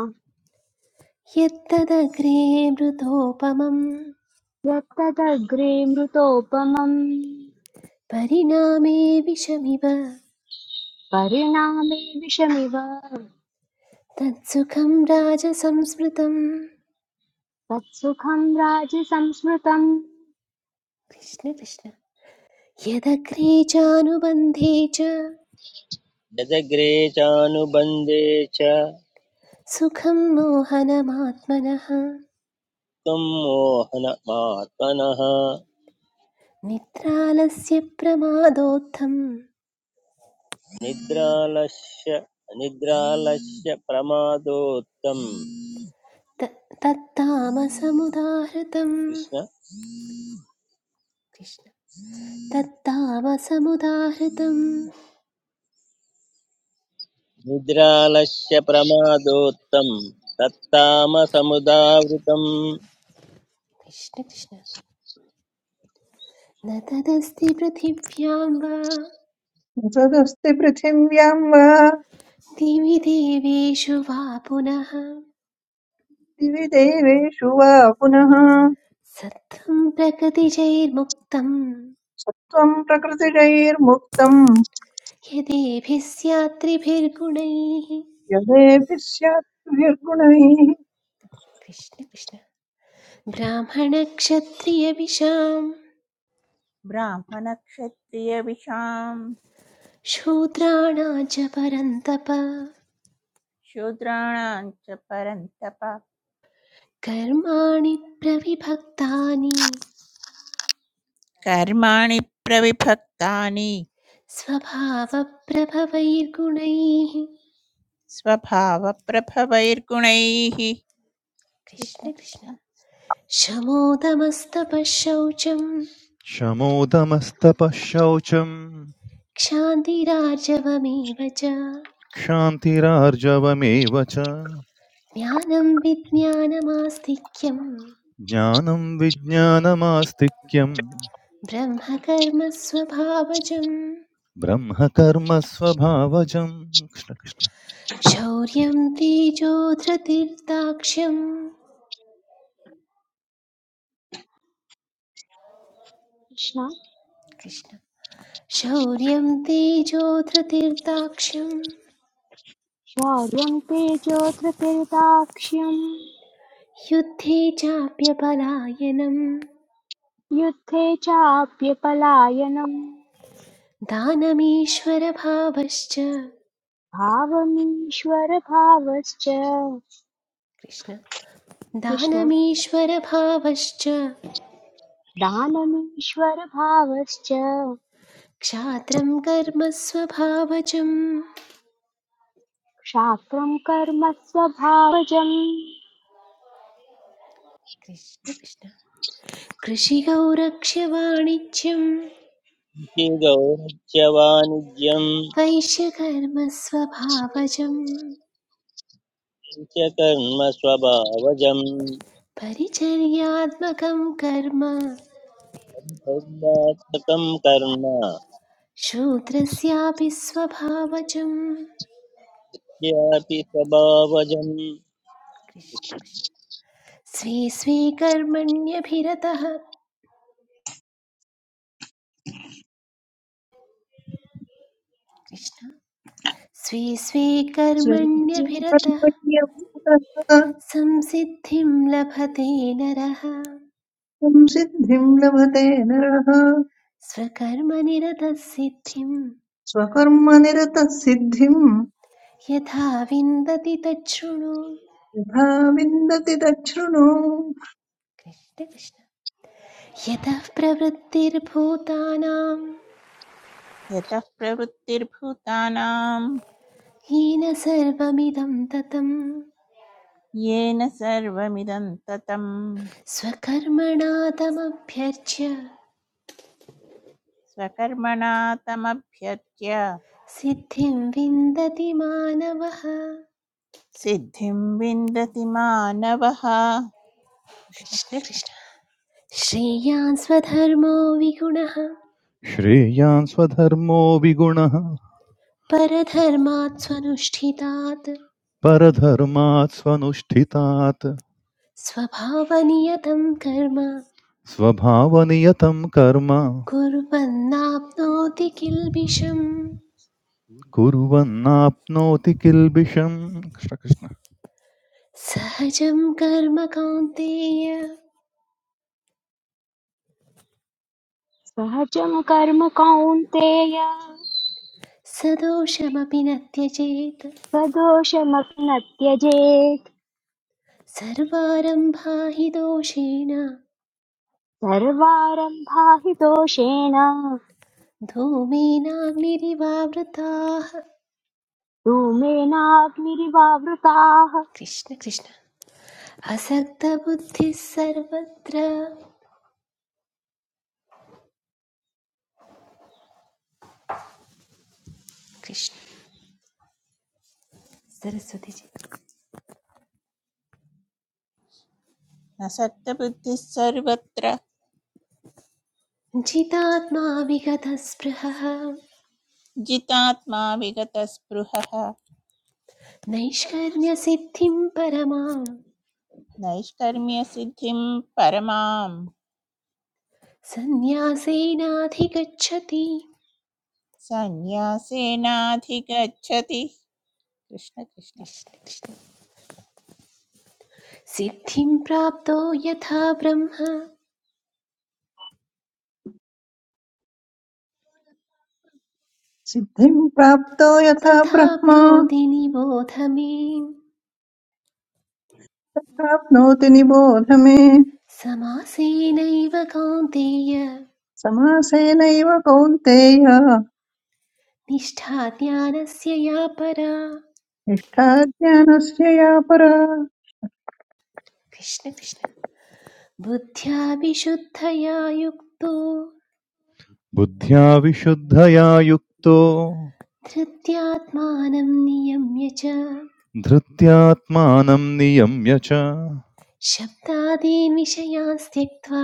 B: यत्तदग्रे मृतोपमम्
A: यत्तदग्रे मृतोपमम्
B: परिणामे विषमिव
A: परिणामे विषमिव
B: तत्सुखं राजसंस्मृतम्
A: तत्सुखं राजसंस्मृतम्
B: कृष्ण कृष्ण यदग्रे चानुबन्धे च
C: यदग्रे चानुबन्धे च त्वं
B: सुखं मोहनमात्मनः
C: मोहनमात्मनः
B: निद्रालस्य प्रमादोत्थं
C: निद्रालस्य निद्रालस्य प्रमादोत्तम्
B: त- तत्तामसमुदाहृतं
C: कृष्ण
B: कृष्ण तत्तामसमुदाहृतं
C: निद्रालस्य प्रमादोत्तम् तत्तामसमुदावृतम्
B: कृष्ण कृष्ण न तदस्ति पृथिव्यां वा
D: तदस्ति पृथिव्यां वा
B: दिवि देवेषु वा पुनः
D: दिवि देवेषु वा पुनः
B: सत्त्वं प्रकृतिजैर्मुक्तं
D: त्वं प्रकृतिजैर्मुक्तं
B: यदेभिः स्यात्रिभिर्गुणैः
D: यदेभिः स्यात् गुणैः।
B: कृष्ण कृष्ण ब्राह्मणक्षत्रियविशाम्
E: ब्राह्मणक्षत्रियविषां
B: शूद्राणां च परन्तप
E: शूद्राणां च परन्तप
B: कर्माणि प्रविभक्तानि
E: कर्माणि प्रविभक्तानि
B: स्वभावप्रभवैर्गुणैः
E: स्वभावप्रभवैर्गुणैः
B: कृष्ण
E: कृष्ण
B: कृष्ण
E: कृष्ण
B: शमोदमस्तपः शौचं
F: शमोदमस्तपः शौचम्
B: क्षान्तिरार्जवमेव च
F: क्षान्तिरार्जवमेव च
B: ज्ञानं विज्ञानमास्तिक्यं
F: ज्ञानं विज्ञानमास्तिक्यम्
B: ब्रह्मकर्म
F: ब्रह्मकर्म स्वभावजम् कृष्ण कृष्ण
B: शौर्यं तेजो धृतिर्दाक्ष्यं
A: कृष्ण
B: कृष्ण शौर्यं तेजो धृतिर्दाक्ष्यं
A: शौर्यं तेजोधृतिर्दाक्ष्यं
B: युद्धे चाप्यपलायनं
A: युद्धे चाप्यपलायनम्
B: दानमीश्वरभावश्च
A: भावमीश्वरभावश्च
B: कृष्ण
A: कृष्ण
B: दानमीश्वरभावश्च
A: दानमीश्वरभावश्च
B: क्षात्रं कर्म स्वभावजम्
A: क्षात्रं कर्म स्वभावजम्
B: कृष्ण कृष्ण कृषिकौ रक्ष्य वाणिज्यं
C: गौरस्य वाणिज्यम्
B: वैश्यकर्म
C: च कर्म स्वभावजम्
B: परिचर्यात्मकं कर्म
C: कर्मात्मकम् कर्म
B: शूद्रस्यापि स्वभावजम्
C: यद्यापि स्वभावजं
B: कृष्ण कृष्ण स्वे स्वे कर्मण्यभिरतः कृष्ण स्वे स्वे
D: स्वैच्छिकं
B: कर्मण्यभिरतः
D: पर्यभूतः
B: संसिद्धिं लभते नरः
D: त्वं सिद्धिं लभते नरः
B: स्वकर्मनिरतः सिद्धिं
D: स्वकर्मनिरतः सिद्धिं
B: यथा विन्दति तच्छृणु
D: यथा विन्दति दक्षृणु
B: कृष्ण कृष्ण यतः प्रवृत्तिर्भूतानां
E: यतः प्रवृत्तिर्भूतानां
B: येन सर्वमिदं ततं
E: येन सर्वमिदं ततं
B: स्वकर्मणा तमभ्यर्च्य
E: स्वकर्मणा तमभ्यर्च्य
B: सिद्धिं विन्दति मानवः
E: सिद्धिं विन्दति मानवः कृष्ण
B: कृष्ण
E: कृष्ण
B: कृष्ण श्रेयान् स्वधर्मो विगुणः
F: श्रेयान् स्वधर्मो विगुणः
B: परधर्मात् स्वनुष्ठितात्
F: परधर्मात् स्वनुष्ठितात्
B: स्वभावनियतं कर्म
F: स्वभावनियतं कर्म
B: कुर्वन्नाप्नोति किल्बिषम्
F: कुर्वन्नाप्नोति किल्बिषम् कृष्ण कृष्ण
B: सहजं कर्म कौन्तेय
A: सहजं कर्म कौन्तेय
B: सदोषमपि न त्यजेत्
A: सदोषमपि न त्यजेत्
B: सर्वारम्भा हि दोषेण
A: सर्वारम्भा हि दोषेण
B: धूमेनाग्निरिवावृताः
A: धूमेनाग्निरिवावृताः
B: कृष्ण कृष्ण असक्तबुद्धिः सर्वत्र कृष्ण। सरस्वतीजी
E: न सक्तबुद्धिः सर्वत्र
B: जितात्मा विगतस्पृहः
E: जितात्मा विगतस्पृहः
B: नैष्कर्म्यसिद्धिं परमां
E: नैष्कर्म्यसिद्धिं परमां
B: सन्न्यासेनाधिगच्छति
E: सन्न्यासेनाधिगच्छति कृष्ण कृष्ण
B: कृष्ण कृष्ण। सिद्धिं प्राप्तो यथा ब्रह्म
D: सिद्धिं प्राप्तो यथा ब्रह्मा
B: तथाप्नोति निबोध मे
D: प्राप्नोति निबोध मे
B: समासेनैव कौन्तेय
D: समासेनैव कौन्तेय
B: निष्ठा ज्ञानस्य या परा
D: निष्ठा ज्ञानस्य या परा
B: कृष्ण कृष्ण बुद्ध्या विशुद्धया युक्तो
F: बुद्ध्या विशुद्धया युक्तो
B: धृत्यात्मानं नियम्य च
F: धृत्यात्मानं नियम्य च
B: शब्दादीन् विषयान् त्यक्त्वा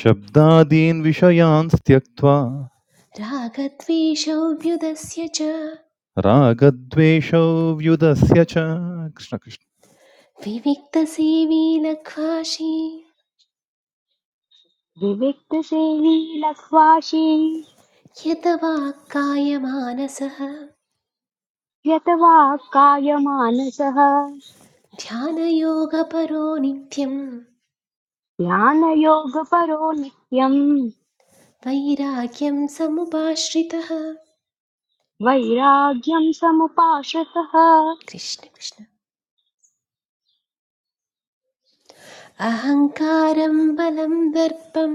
F: शब्दादीन् विषयान् त्यक्त्वा
B: रागद्वेषौ व्युदस्य च
F: रागद्वेषौ व्युदस्य च कृष्ण कृष्ण
B: विविक्तसेवी लघ्वाशी
A: विविक्तसेवी लक्वाशी
B: यत वाक्कायमानसः
A: यतवा कायमानसः
B: ध्यानयोगपरो नित्यं
A: ध्यानयोगपरो नित्यम्
B: वैराग्यं समुपाश्रितः
A: वैराग्यं समुपाश्रितः
B: कृष्ण कृष्ण अहङ्कारं बलं दर्पं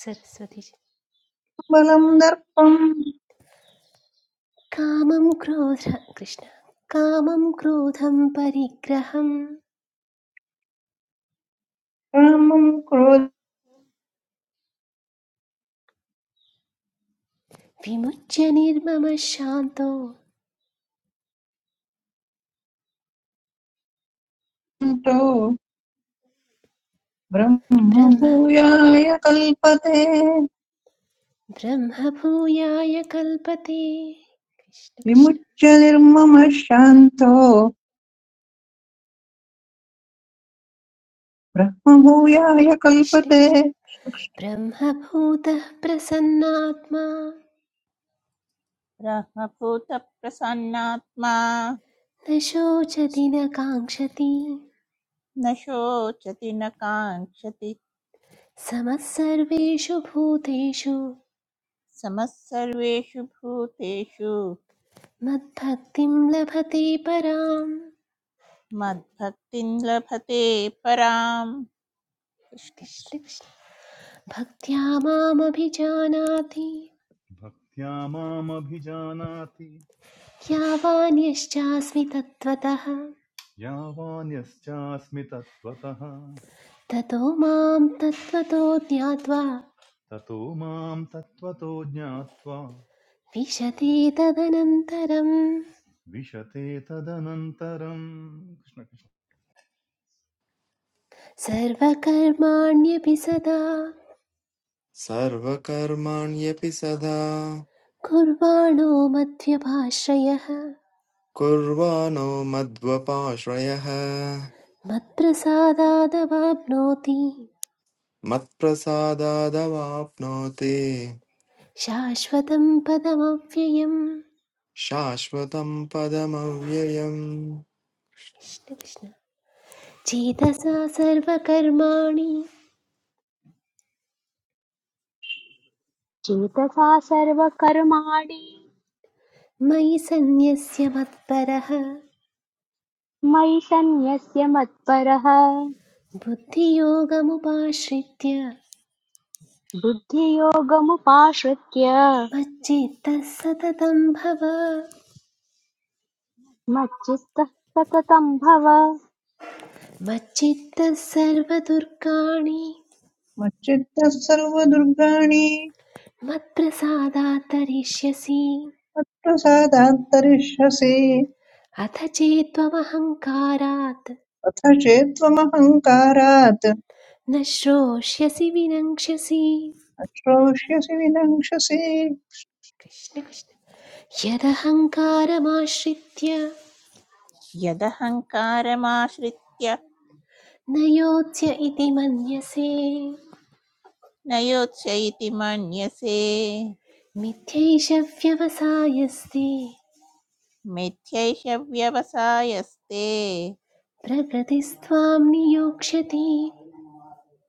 B: सरस्वती जी।
D: बलं दर्पं
B: कामं क्रोध कृष्ण कामं क्रोधं परिग्रहं
D: कामं क्रोधं
B: विमुच्य निर्ममः शान्तो
D: च ब्रह्म
B: ब्रह्म
D: भूयाय कल्पते
B: ब्रह्मभूयाय कल्पते कृष्ण कृष्ण
D: विमुच्य निर्ममः शान्तो ब्रह्मभूयाय
B: कृष्ण
D: कल्पते
B: कृष्ण ब्रह्मभूतः प्रसन्नात्मा
E: ब्रह्मभूतप्रसन्नात्मा
B: न शोचति न काङ्क्षति
E: न शोचति न काङ्क्षति
B: समः सर्वेषु भूतेषु
E: समः सर्वेषु भूतेषु
B: मद्भक्तिं लभते पराम्
E: मद्भक्तिं लभते पराम् कृष्ण कृष्ण।
B: कृष्ण कृष्ण भक्त्या मामभिजानाति
F: भक्त्या मामभिजानाति
B: यावान्यश्चास्मि तत्त्वतः
F: यावान्यश्चास्मि तत्त्वतः
B: ततो मां तत्त्वतो ज्ञात्वा
F: ततो मां तत्त्वतो ज्ञात्वा
B: विशति तदनन्तरं
F: विशते तदनन्तरम् कृष्ण
B: सर्वकर्माण्यपि सदा
G: सर्वकर्माण्यपि सदा
B: कुर्वाणो मध्यभाश्रयः
G: कुर्वाणो मद्वपाश्रयः
B: मत्प्रसादादवाप्नोति
G: मत्प्रसादादवाप्नोति
B: शाश्वतं पदमव्ययम्
G: शाश्वतं पदमव्ययम्
B: कृष्णकृष्ण चेतसा सर्वकर्माणि
A: चेतसा सर्वकर्माणि
B: मयि सन्न्यस्य मत्परः
A: मयि सन्न्यस्य मत्परः
B: बुद्धियोगमुपाश्रित्य
A: बुद्धियोगमुपाश्रित्य
B: मच्चित्तः सततं भव
A: मच्चित्तः सततं भव
B: मच्चित्तः सर्वदुर्गाणि
D: मच्चित्तः सर्वदुर्गाणि
B: मत्प्रसादात् तरिष्यसि
D: मत्प्रसादात् तरिष्यसि
B: अथ चेत्त्वमहङ्कारात्
D: अथ चेत्त्वमहङ्कारात्
B: न श्रोष्यसि विनङ्क्ष्यसि
D: अश्रोष्यसि विनङ्क्षसि
B: कृष्ण कृष्ण यदहङ्कारमाश्रित्य
E: यदहङ्कारमाश्रित्य
B: न योज्य इति मन्यसे
E: न योत्स्य इति मन्यसे
B: मिथ्यैष व्यवसायस्ते
E: मिथ्यैष व्यवसायस्ते
B: प्रकृतिस्त्वां नियोक्ष्यति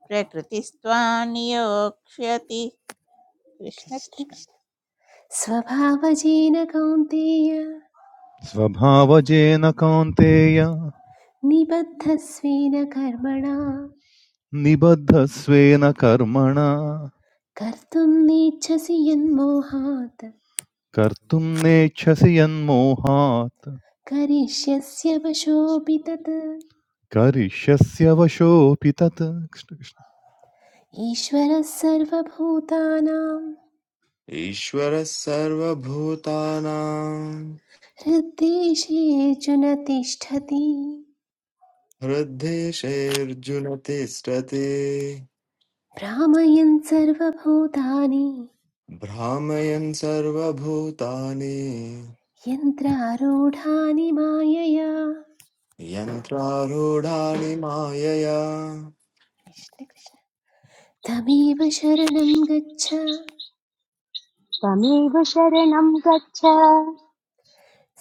E: प्रकृतिस्त्वा नियोक्ष्यति कृष्ण
B: कृष्ण
E: कृष्ण
B: कृष्ण स्वभावजेन कौन्तेय
F: स्वभावजेन कौन्तेय
B: निबद्धस्वेन कर्मणा
F: निबद्धस्वेन कर्मणा
B: कर्तुं नेच्छसि यन्मोहात्
F: कर्तुं नेच्छसि यन्मोहात्
B: करिष्यस्य वशोऽपि तत्
F: करिष्यस्य वशोऽपि तत् कृष्ण कृष्ण।
B: ईश्वरः सर्वभूतानां
G: ईश्वरः सर्वभूतानां
B: हृद्देशेऽर्जुन तिष्ठति
G: हृद्देशेऽर्जुन तिष्ठति
B: भ्रामयन् सर्वभूतानि
G: भ्रामयन् सर्वभूतानि
B: यन्त्रारूढानि मायया
G: यन्त्रारूढानि मायया
B: कृष्ण कृष्ण तमेव शरणं गच्छ
A: तमेव शरणं गच्छ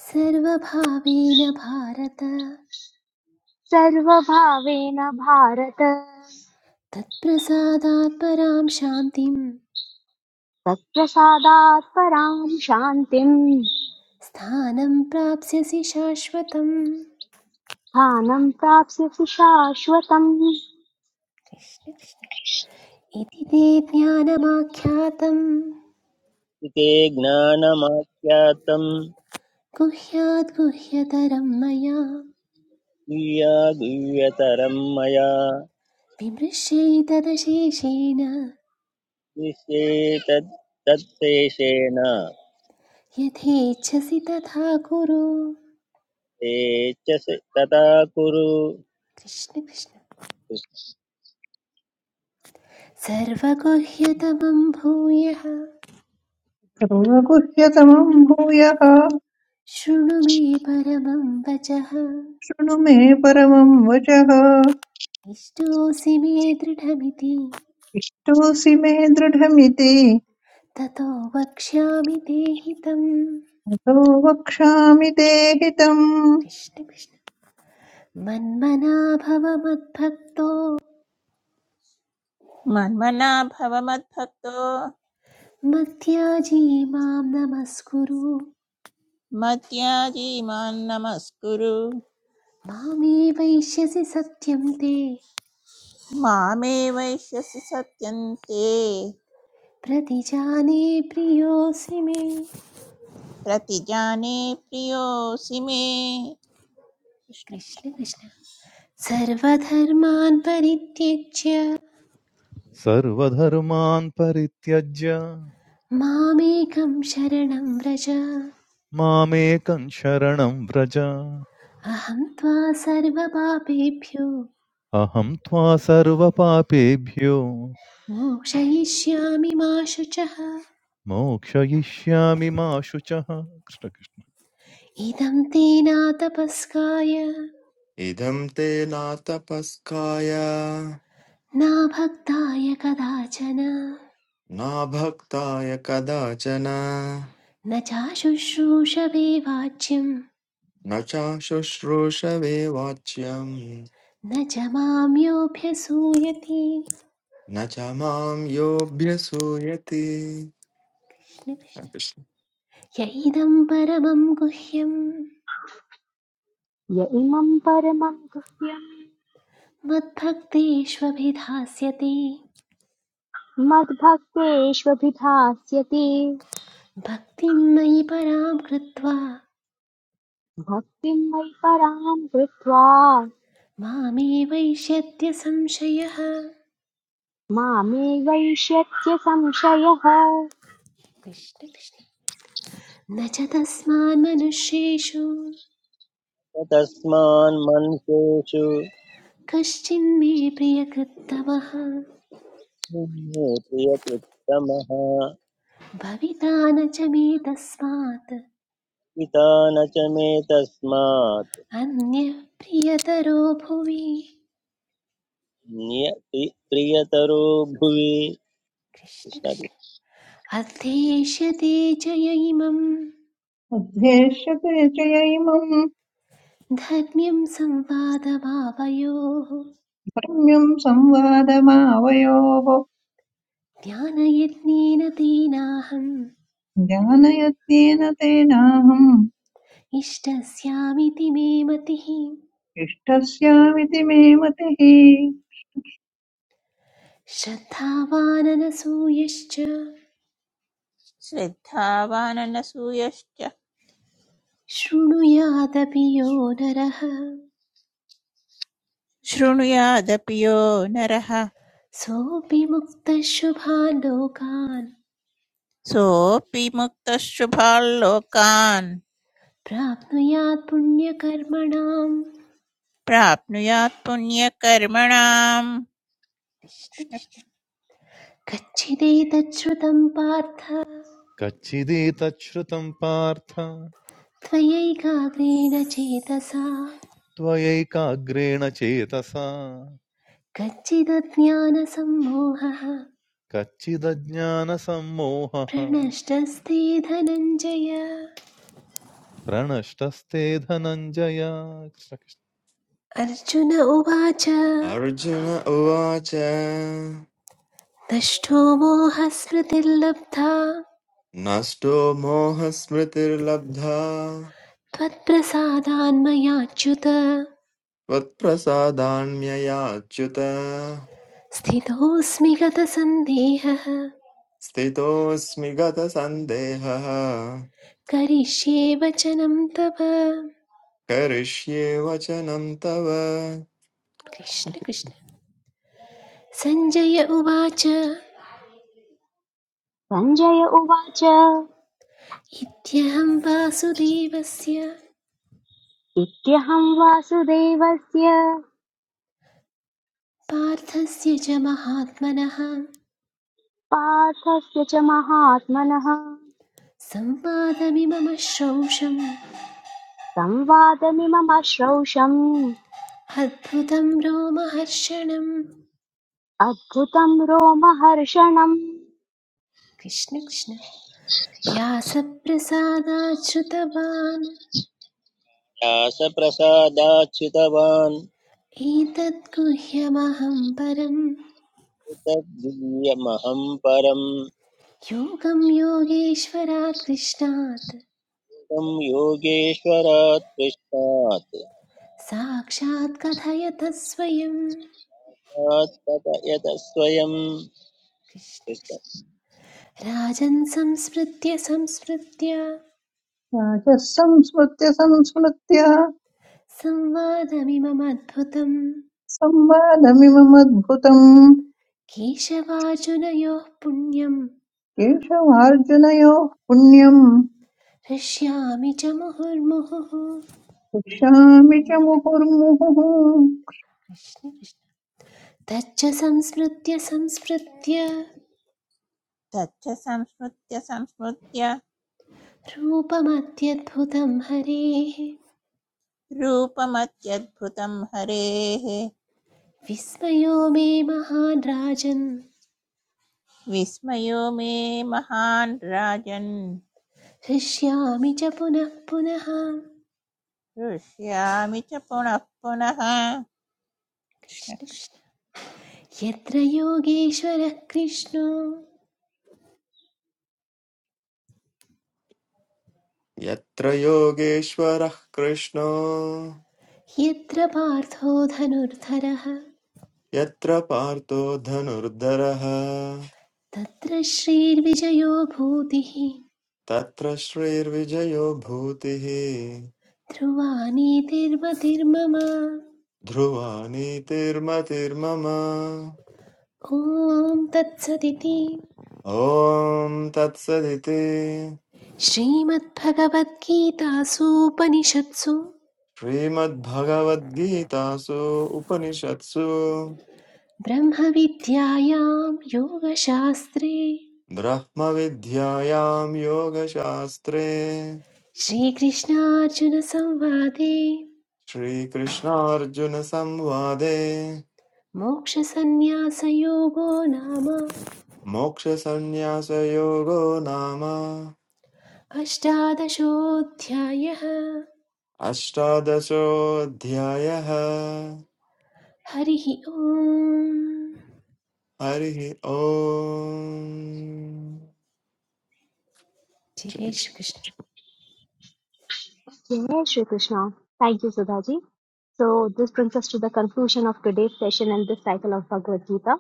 B: सर्वभावेन भारत
A: सर्वभावेन भारत
B: तत्प्रसादात् परां शान्तिं
A: तत्प्रसादात् परां शान्तिम्
B: स्थानं प्राप्स्यसि शाश्वतम्
A: स्थानं प्राप्स्यसि शाश्वतम्
B: कृष्ण कृष्ण। इति ते ज्ञानमाख्यातं
C: ते ज्ञानमाख्यातं
B: गुह्याद् गुह्यतरं मया
C: गुह्यागुह्यतरं मया
B: विमृश्यैतदशेषेण
C: निश्चेतत् तत्शेषेण
B: यथेच्छसि तथा कुरु
C: ते च तथा कुरु
B: कृष्ण कृष्ण सर्वगुह्यतमं भूयः
D: सर्वगुह्यतमम् भूयः
B: शृणु मे परमं वचः
D: शृणु मे परमम् वचः
B: इष्टोऽसि मे दृढमिति
D: तोऽसि मे दृढमिति
B: ततो वक्ष्यामि ते हितम्
D: अतो वक्ष्यामि ते हितम्
B: कृष्ण कृष्ण मन्मना भव मद्भक्तो
E: मन्मना भव मद्भक्तो
B: मध्याजी मां नमस्कुरु
E: मद्याजी मां नमस्कुरु
B: मामे वैश्यसि सत्यं ते
E: मामे वैश्यसि सत्यन्ते
B: प्रतिजाने प्रियोऽसि मे
E: प्रतिजाने प्रियोऽसि मे कृष्ण।
B: कृष्ण कृष्ण सर्वधर्मान् परित्यज्य
F: सर्वधर्मान् परित्यज्य
B: मामेकं शरणं व्रज अहं
F: मामेकं शरणं व्रज
B: त्वा सर्वपापेभ्यो
F: अहं त्वा सर्वपापेभ्यो
B: मोक्षयिष्यामि मा शुचः
F: मोक्षयिष्यामि मा शुचः कृष्णकृष्ण
B: इदं ते नातपस्काय
G: इदं ते नातपस्काय
B: नाभक्ताय कदाचन
G: नाभक्ताय कदाचन
B: न चाशुश्रूषवे वाच्यं
G: न चाशुश्रूषवे वाच्यम्
B: न च मां
G: न च माम् योऽभ्यसूयति
B: कृष्ण कृष्ण।
G: कृष्ण।
B: य इदं परमं गुह्यं
A: य इमं परमं गुह्यम्
B: मद्भक्तेष्वभिधास्यते
A: मद्भक्तेष्वभिधास्यति
B: भक्तिं मयि परां कृत्वा
A: भक्तिं वै परां कृत्वा
B: मामे संशयः
A: मामे वैष्यत्य संशयः
B: कृष्ण कृष्ण न च तस्मान् मनुष्येषु
C: तस्मान् मनुष्येषु
B: कश्चिन्मे प्रियकृत्तमः
C: प्रियकृत्तमः
B: भविता न च मे तस्मात्
C: पिता न च मे तस्मात्
B: अन्यः प्रियतरो भुवि
C: प्रियतरो भुवि
B: कृष्ण कृष्ण अध्येष्यते च य इमं
D: उद्देश्यते च यैमम्
B: धर्म्यं संवादभावयोः
D: रम्यं संवादमावयोः
B: ज्ञानयत्नेन तेनाहम्
D: ज्ञानयत्येन तेनाहम्
B: इष्टस्यामिति मे मतिः
D: इष्टस्यामिति मे मतिः
B: श्रद्धावाननसूयश्च
E: श्रद्धावाननसूयश्च
B: शृणुयादपि यो नरः
E: शृणुयादपि यो नरः
B: सोऽपि मुक्तः शुभान् लोकान्
E: सोऽपि मुक्तः शुभाल्लोकान्
B: प्राप्नुयात् पुण्यकर्मणाम्
E: प्राप्नुयात् पुण्यकर्मणाम्
B: कृष्ण कृष्ण कच्चिदेतच्छ्रुतं पार्थ
F: कच्चिदेतच्छ्रुतं पार्थ
B: त्वयैकाग्रेण चेतसा
F: त्वयैकाग्रेण चेतसा
B: कच्चिदज्ञानसम्मोहः
F: कच्चिदज्ञानसम्मोहः
B: प्रणष्टस्ते धनञ्जय
F: प्रणष्टस्ते धनञ्जय
B: अर्जुन उवाच
G: अर्जुन उवाच
B: दष्टो मोहस्मृतिर्लब्धा
G: नष्टो मोहस्मृतिर्लब्धा
B: त्वत्प्रसादान्मयाच्युत
G: त्वत्प्रसादान्ययाच्युत
B: स्थितोऽस्मि गतसन्देहः
G: स्थितोऽस्मि गतसन्देहः
B: करिष्ये वचनं तव
G: करिष्ये वचनं तव
B: कृष्ण कृष्ण सञ्जय उवाच
A: सञ्जय उवाच
B: इत्यहं वासुदेवस्य
A: इत्यहं वासुदेवस्य
B: पार्थस्य च महात्मनः
A: पार्थस्य च महात्मनः
B: संवादमिमम श्रौषम्
A: संवादमिममश्रौषम्
B: अद्भुतं रोमहर्षणम्
A: Adbhutam Romaharshanam.
B: कृष्ण कृष्ण व्यासप्रसादाच्छ्रुतवान्
C: कृष्णकृष्णासप्रसादाच्छ्रितवान्
B: एतद्गुह्यमहं परम्
C: तद्वीर्यमहं परं
B: योगं योगेश्वरात् कृष्णात्
C: तं योगेश्वरात् पृष्ठात्
B: साक्षात् कथयत स्वयं
C: तात् कथयत स्वयं
B: कृष्ण
C: कृष्ण।
B: कृष्ण राजन् संस्मृत्य संस्मृत्य
D: राजः संस्मृत्य संस्मृत्य
B: संवादमिममद्भुतं
D: संवादमिममद्भुतम्
B: केशवार्जुनयोः पुण्यं
D: केशवार्जुनयोः पुण्यम्
B: हृष्यामि च मुहुर्मुहुः
D: शिक्षामि च मुहुर्मुहुः
B: कृष्ण कृष्ण तच्च संस्मृत्य संस्मृत्य
E: तच्च संस्मृत्य संस्मृत्य
B: रूपमत्यद्भुतं हरेः
E: रूपमत्यद्भुतं हरेः
B: विस्मयो मे महान् राजन्
E: विस्मयो मे महान् राजन्
B: हृष्यामि च पुनः पुनः
E: हृष्यामि च पुनः पुनः कृष्ण
B: कृष्ण
E: कृष्ण।
B: कृष्ण यत्र योगेश्वरः कृष्णो
G: यत्र योगेश्वरः कृष्णो
B: यत्र पार्थो धनुर्धरः
G: यत्र पार्थो धनुर्धरः
B: तत्र श्रीर्विजयो भूतिः
G: तत्र श्रीर्विजयो भूतिः
B: ध्रुवा
G: ध्रुवा नीतिर्मतिर्मम
B: ॐ तत्सदिति
G: ॐ तत्सदिति
B: श्रीमद्भगवद्गीतासूपनिषत्सु
G: श्रीमद्भगवद्गीतासु उपनिषत्सु
B: ब्रह्मविद्यायां योगशास्त्रे
G: ब्रह्मविद्यायां योगशास्त्रे
B: श्रीकृष्णार्जुनसंवादे
G: श्रीकृष्णार्जुनसंवादे
B: मोक्षसन्न्यासयोगो नाम
G: मोक्षसंन्यासयोगो नाम
B: अष्टादशोऽध्यायः
G: अष्टादशोऽध्यायः
B: हरिः ओम्
G: हरिः ओम्
B: जय
G: जय
B: Shri Krishna
G: Shri-
A: Yes, Shri Krishna. Thank you, Sudhaji. So this brings us to the conclusion of today's session and this cycle of Bhagavad Gita.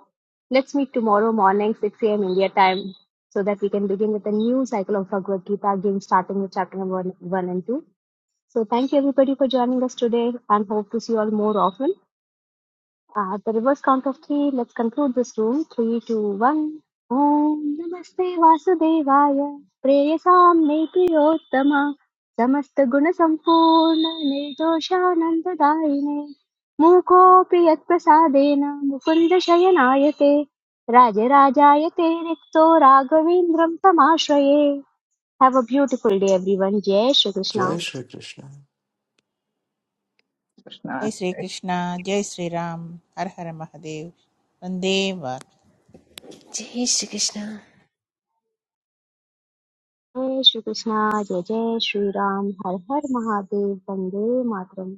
A: Let's meet tomorrow morning, 6 a.m. India time, so that we can begin with a new cycle of Bhagavad Gita, again starting with chapter number one, 1 and 2. So thank you everybody for joining us today and hope to see you all more often. At the reverse count of three, let's conclude this room. Three, two, one. Om Namaste Vasudevaya Preyasam Nepriyottama Samasta Guna Sampurna Nirdoshananda Darine Mukopi Yat Prasadena Mukunda Shayanayate Rajarajayate Rikto Raghavindram Tamashraye Have a beautiful day everyone. Jai Shri Krishna.
G: जय श्रीकृष्ण
D: कृष्ण
E: जय श्रीकृष्ण जय हर हर महादेव वन्दे मातरम्।
B: जय Shri Krishna
A: Jai Shri Krishna. Jai Jai Shri Ram. Har Har Mahadev. Vande Matram.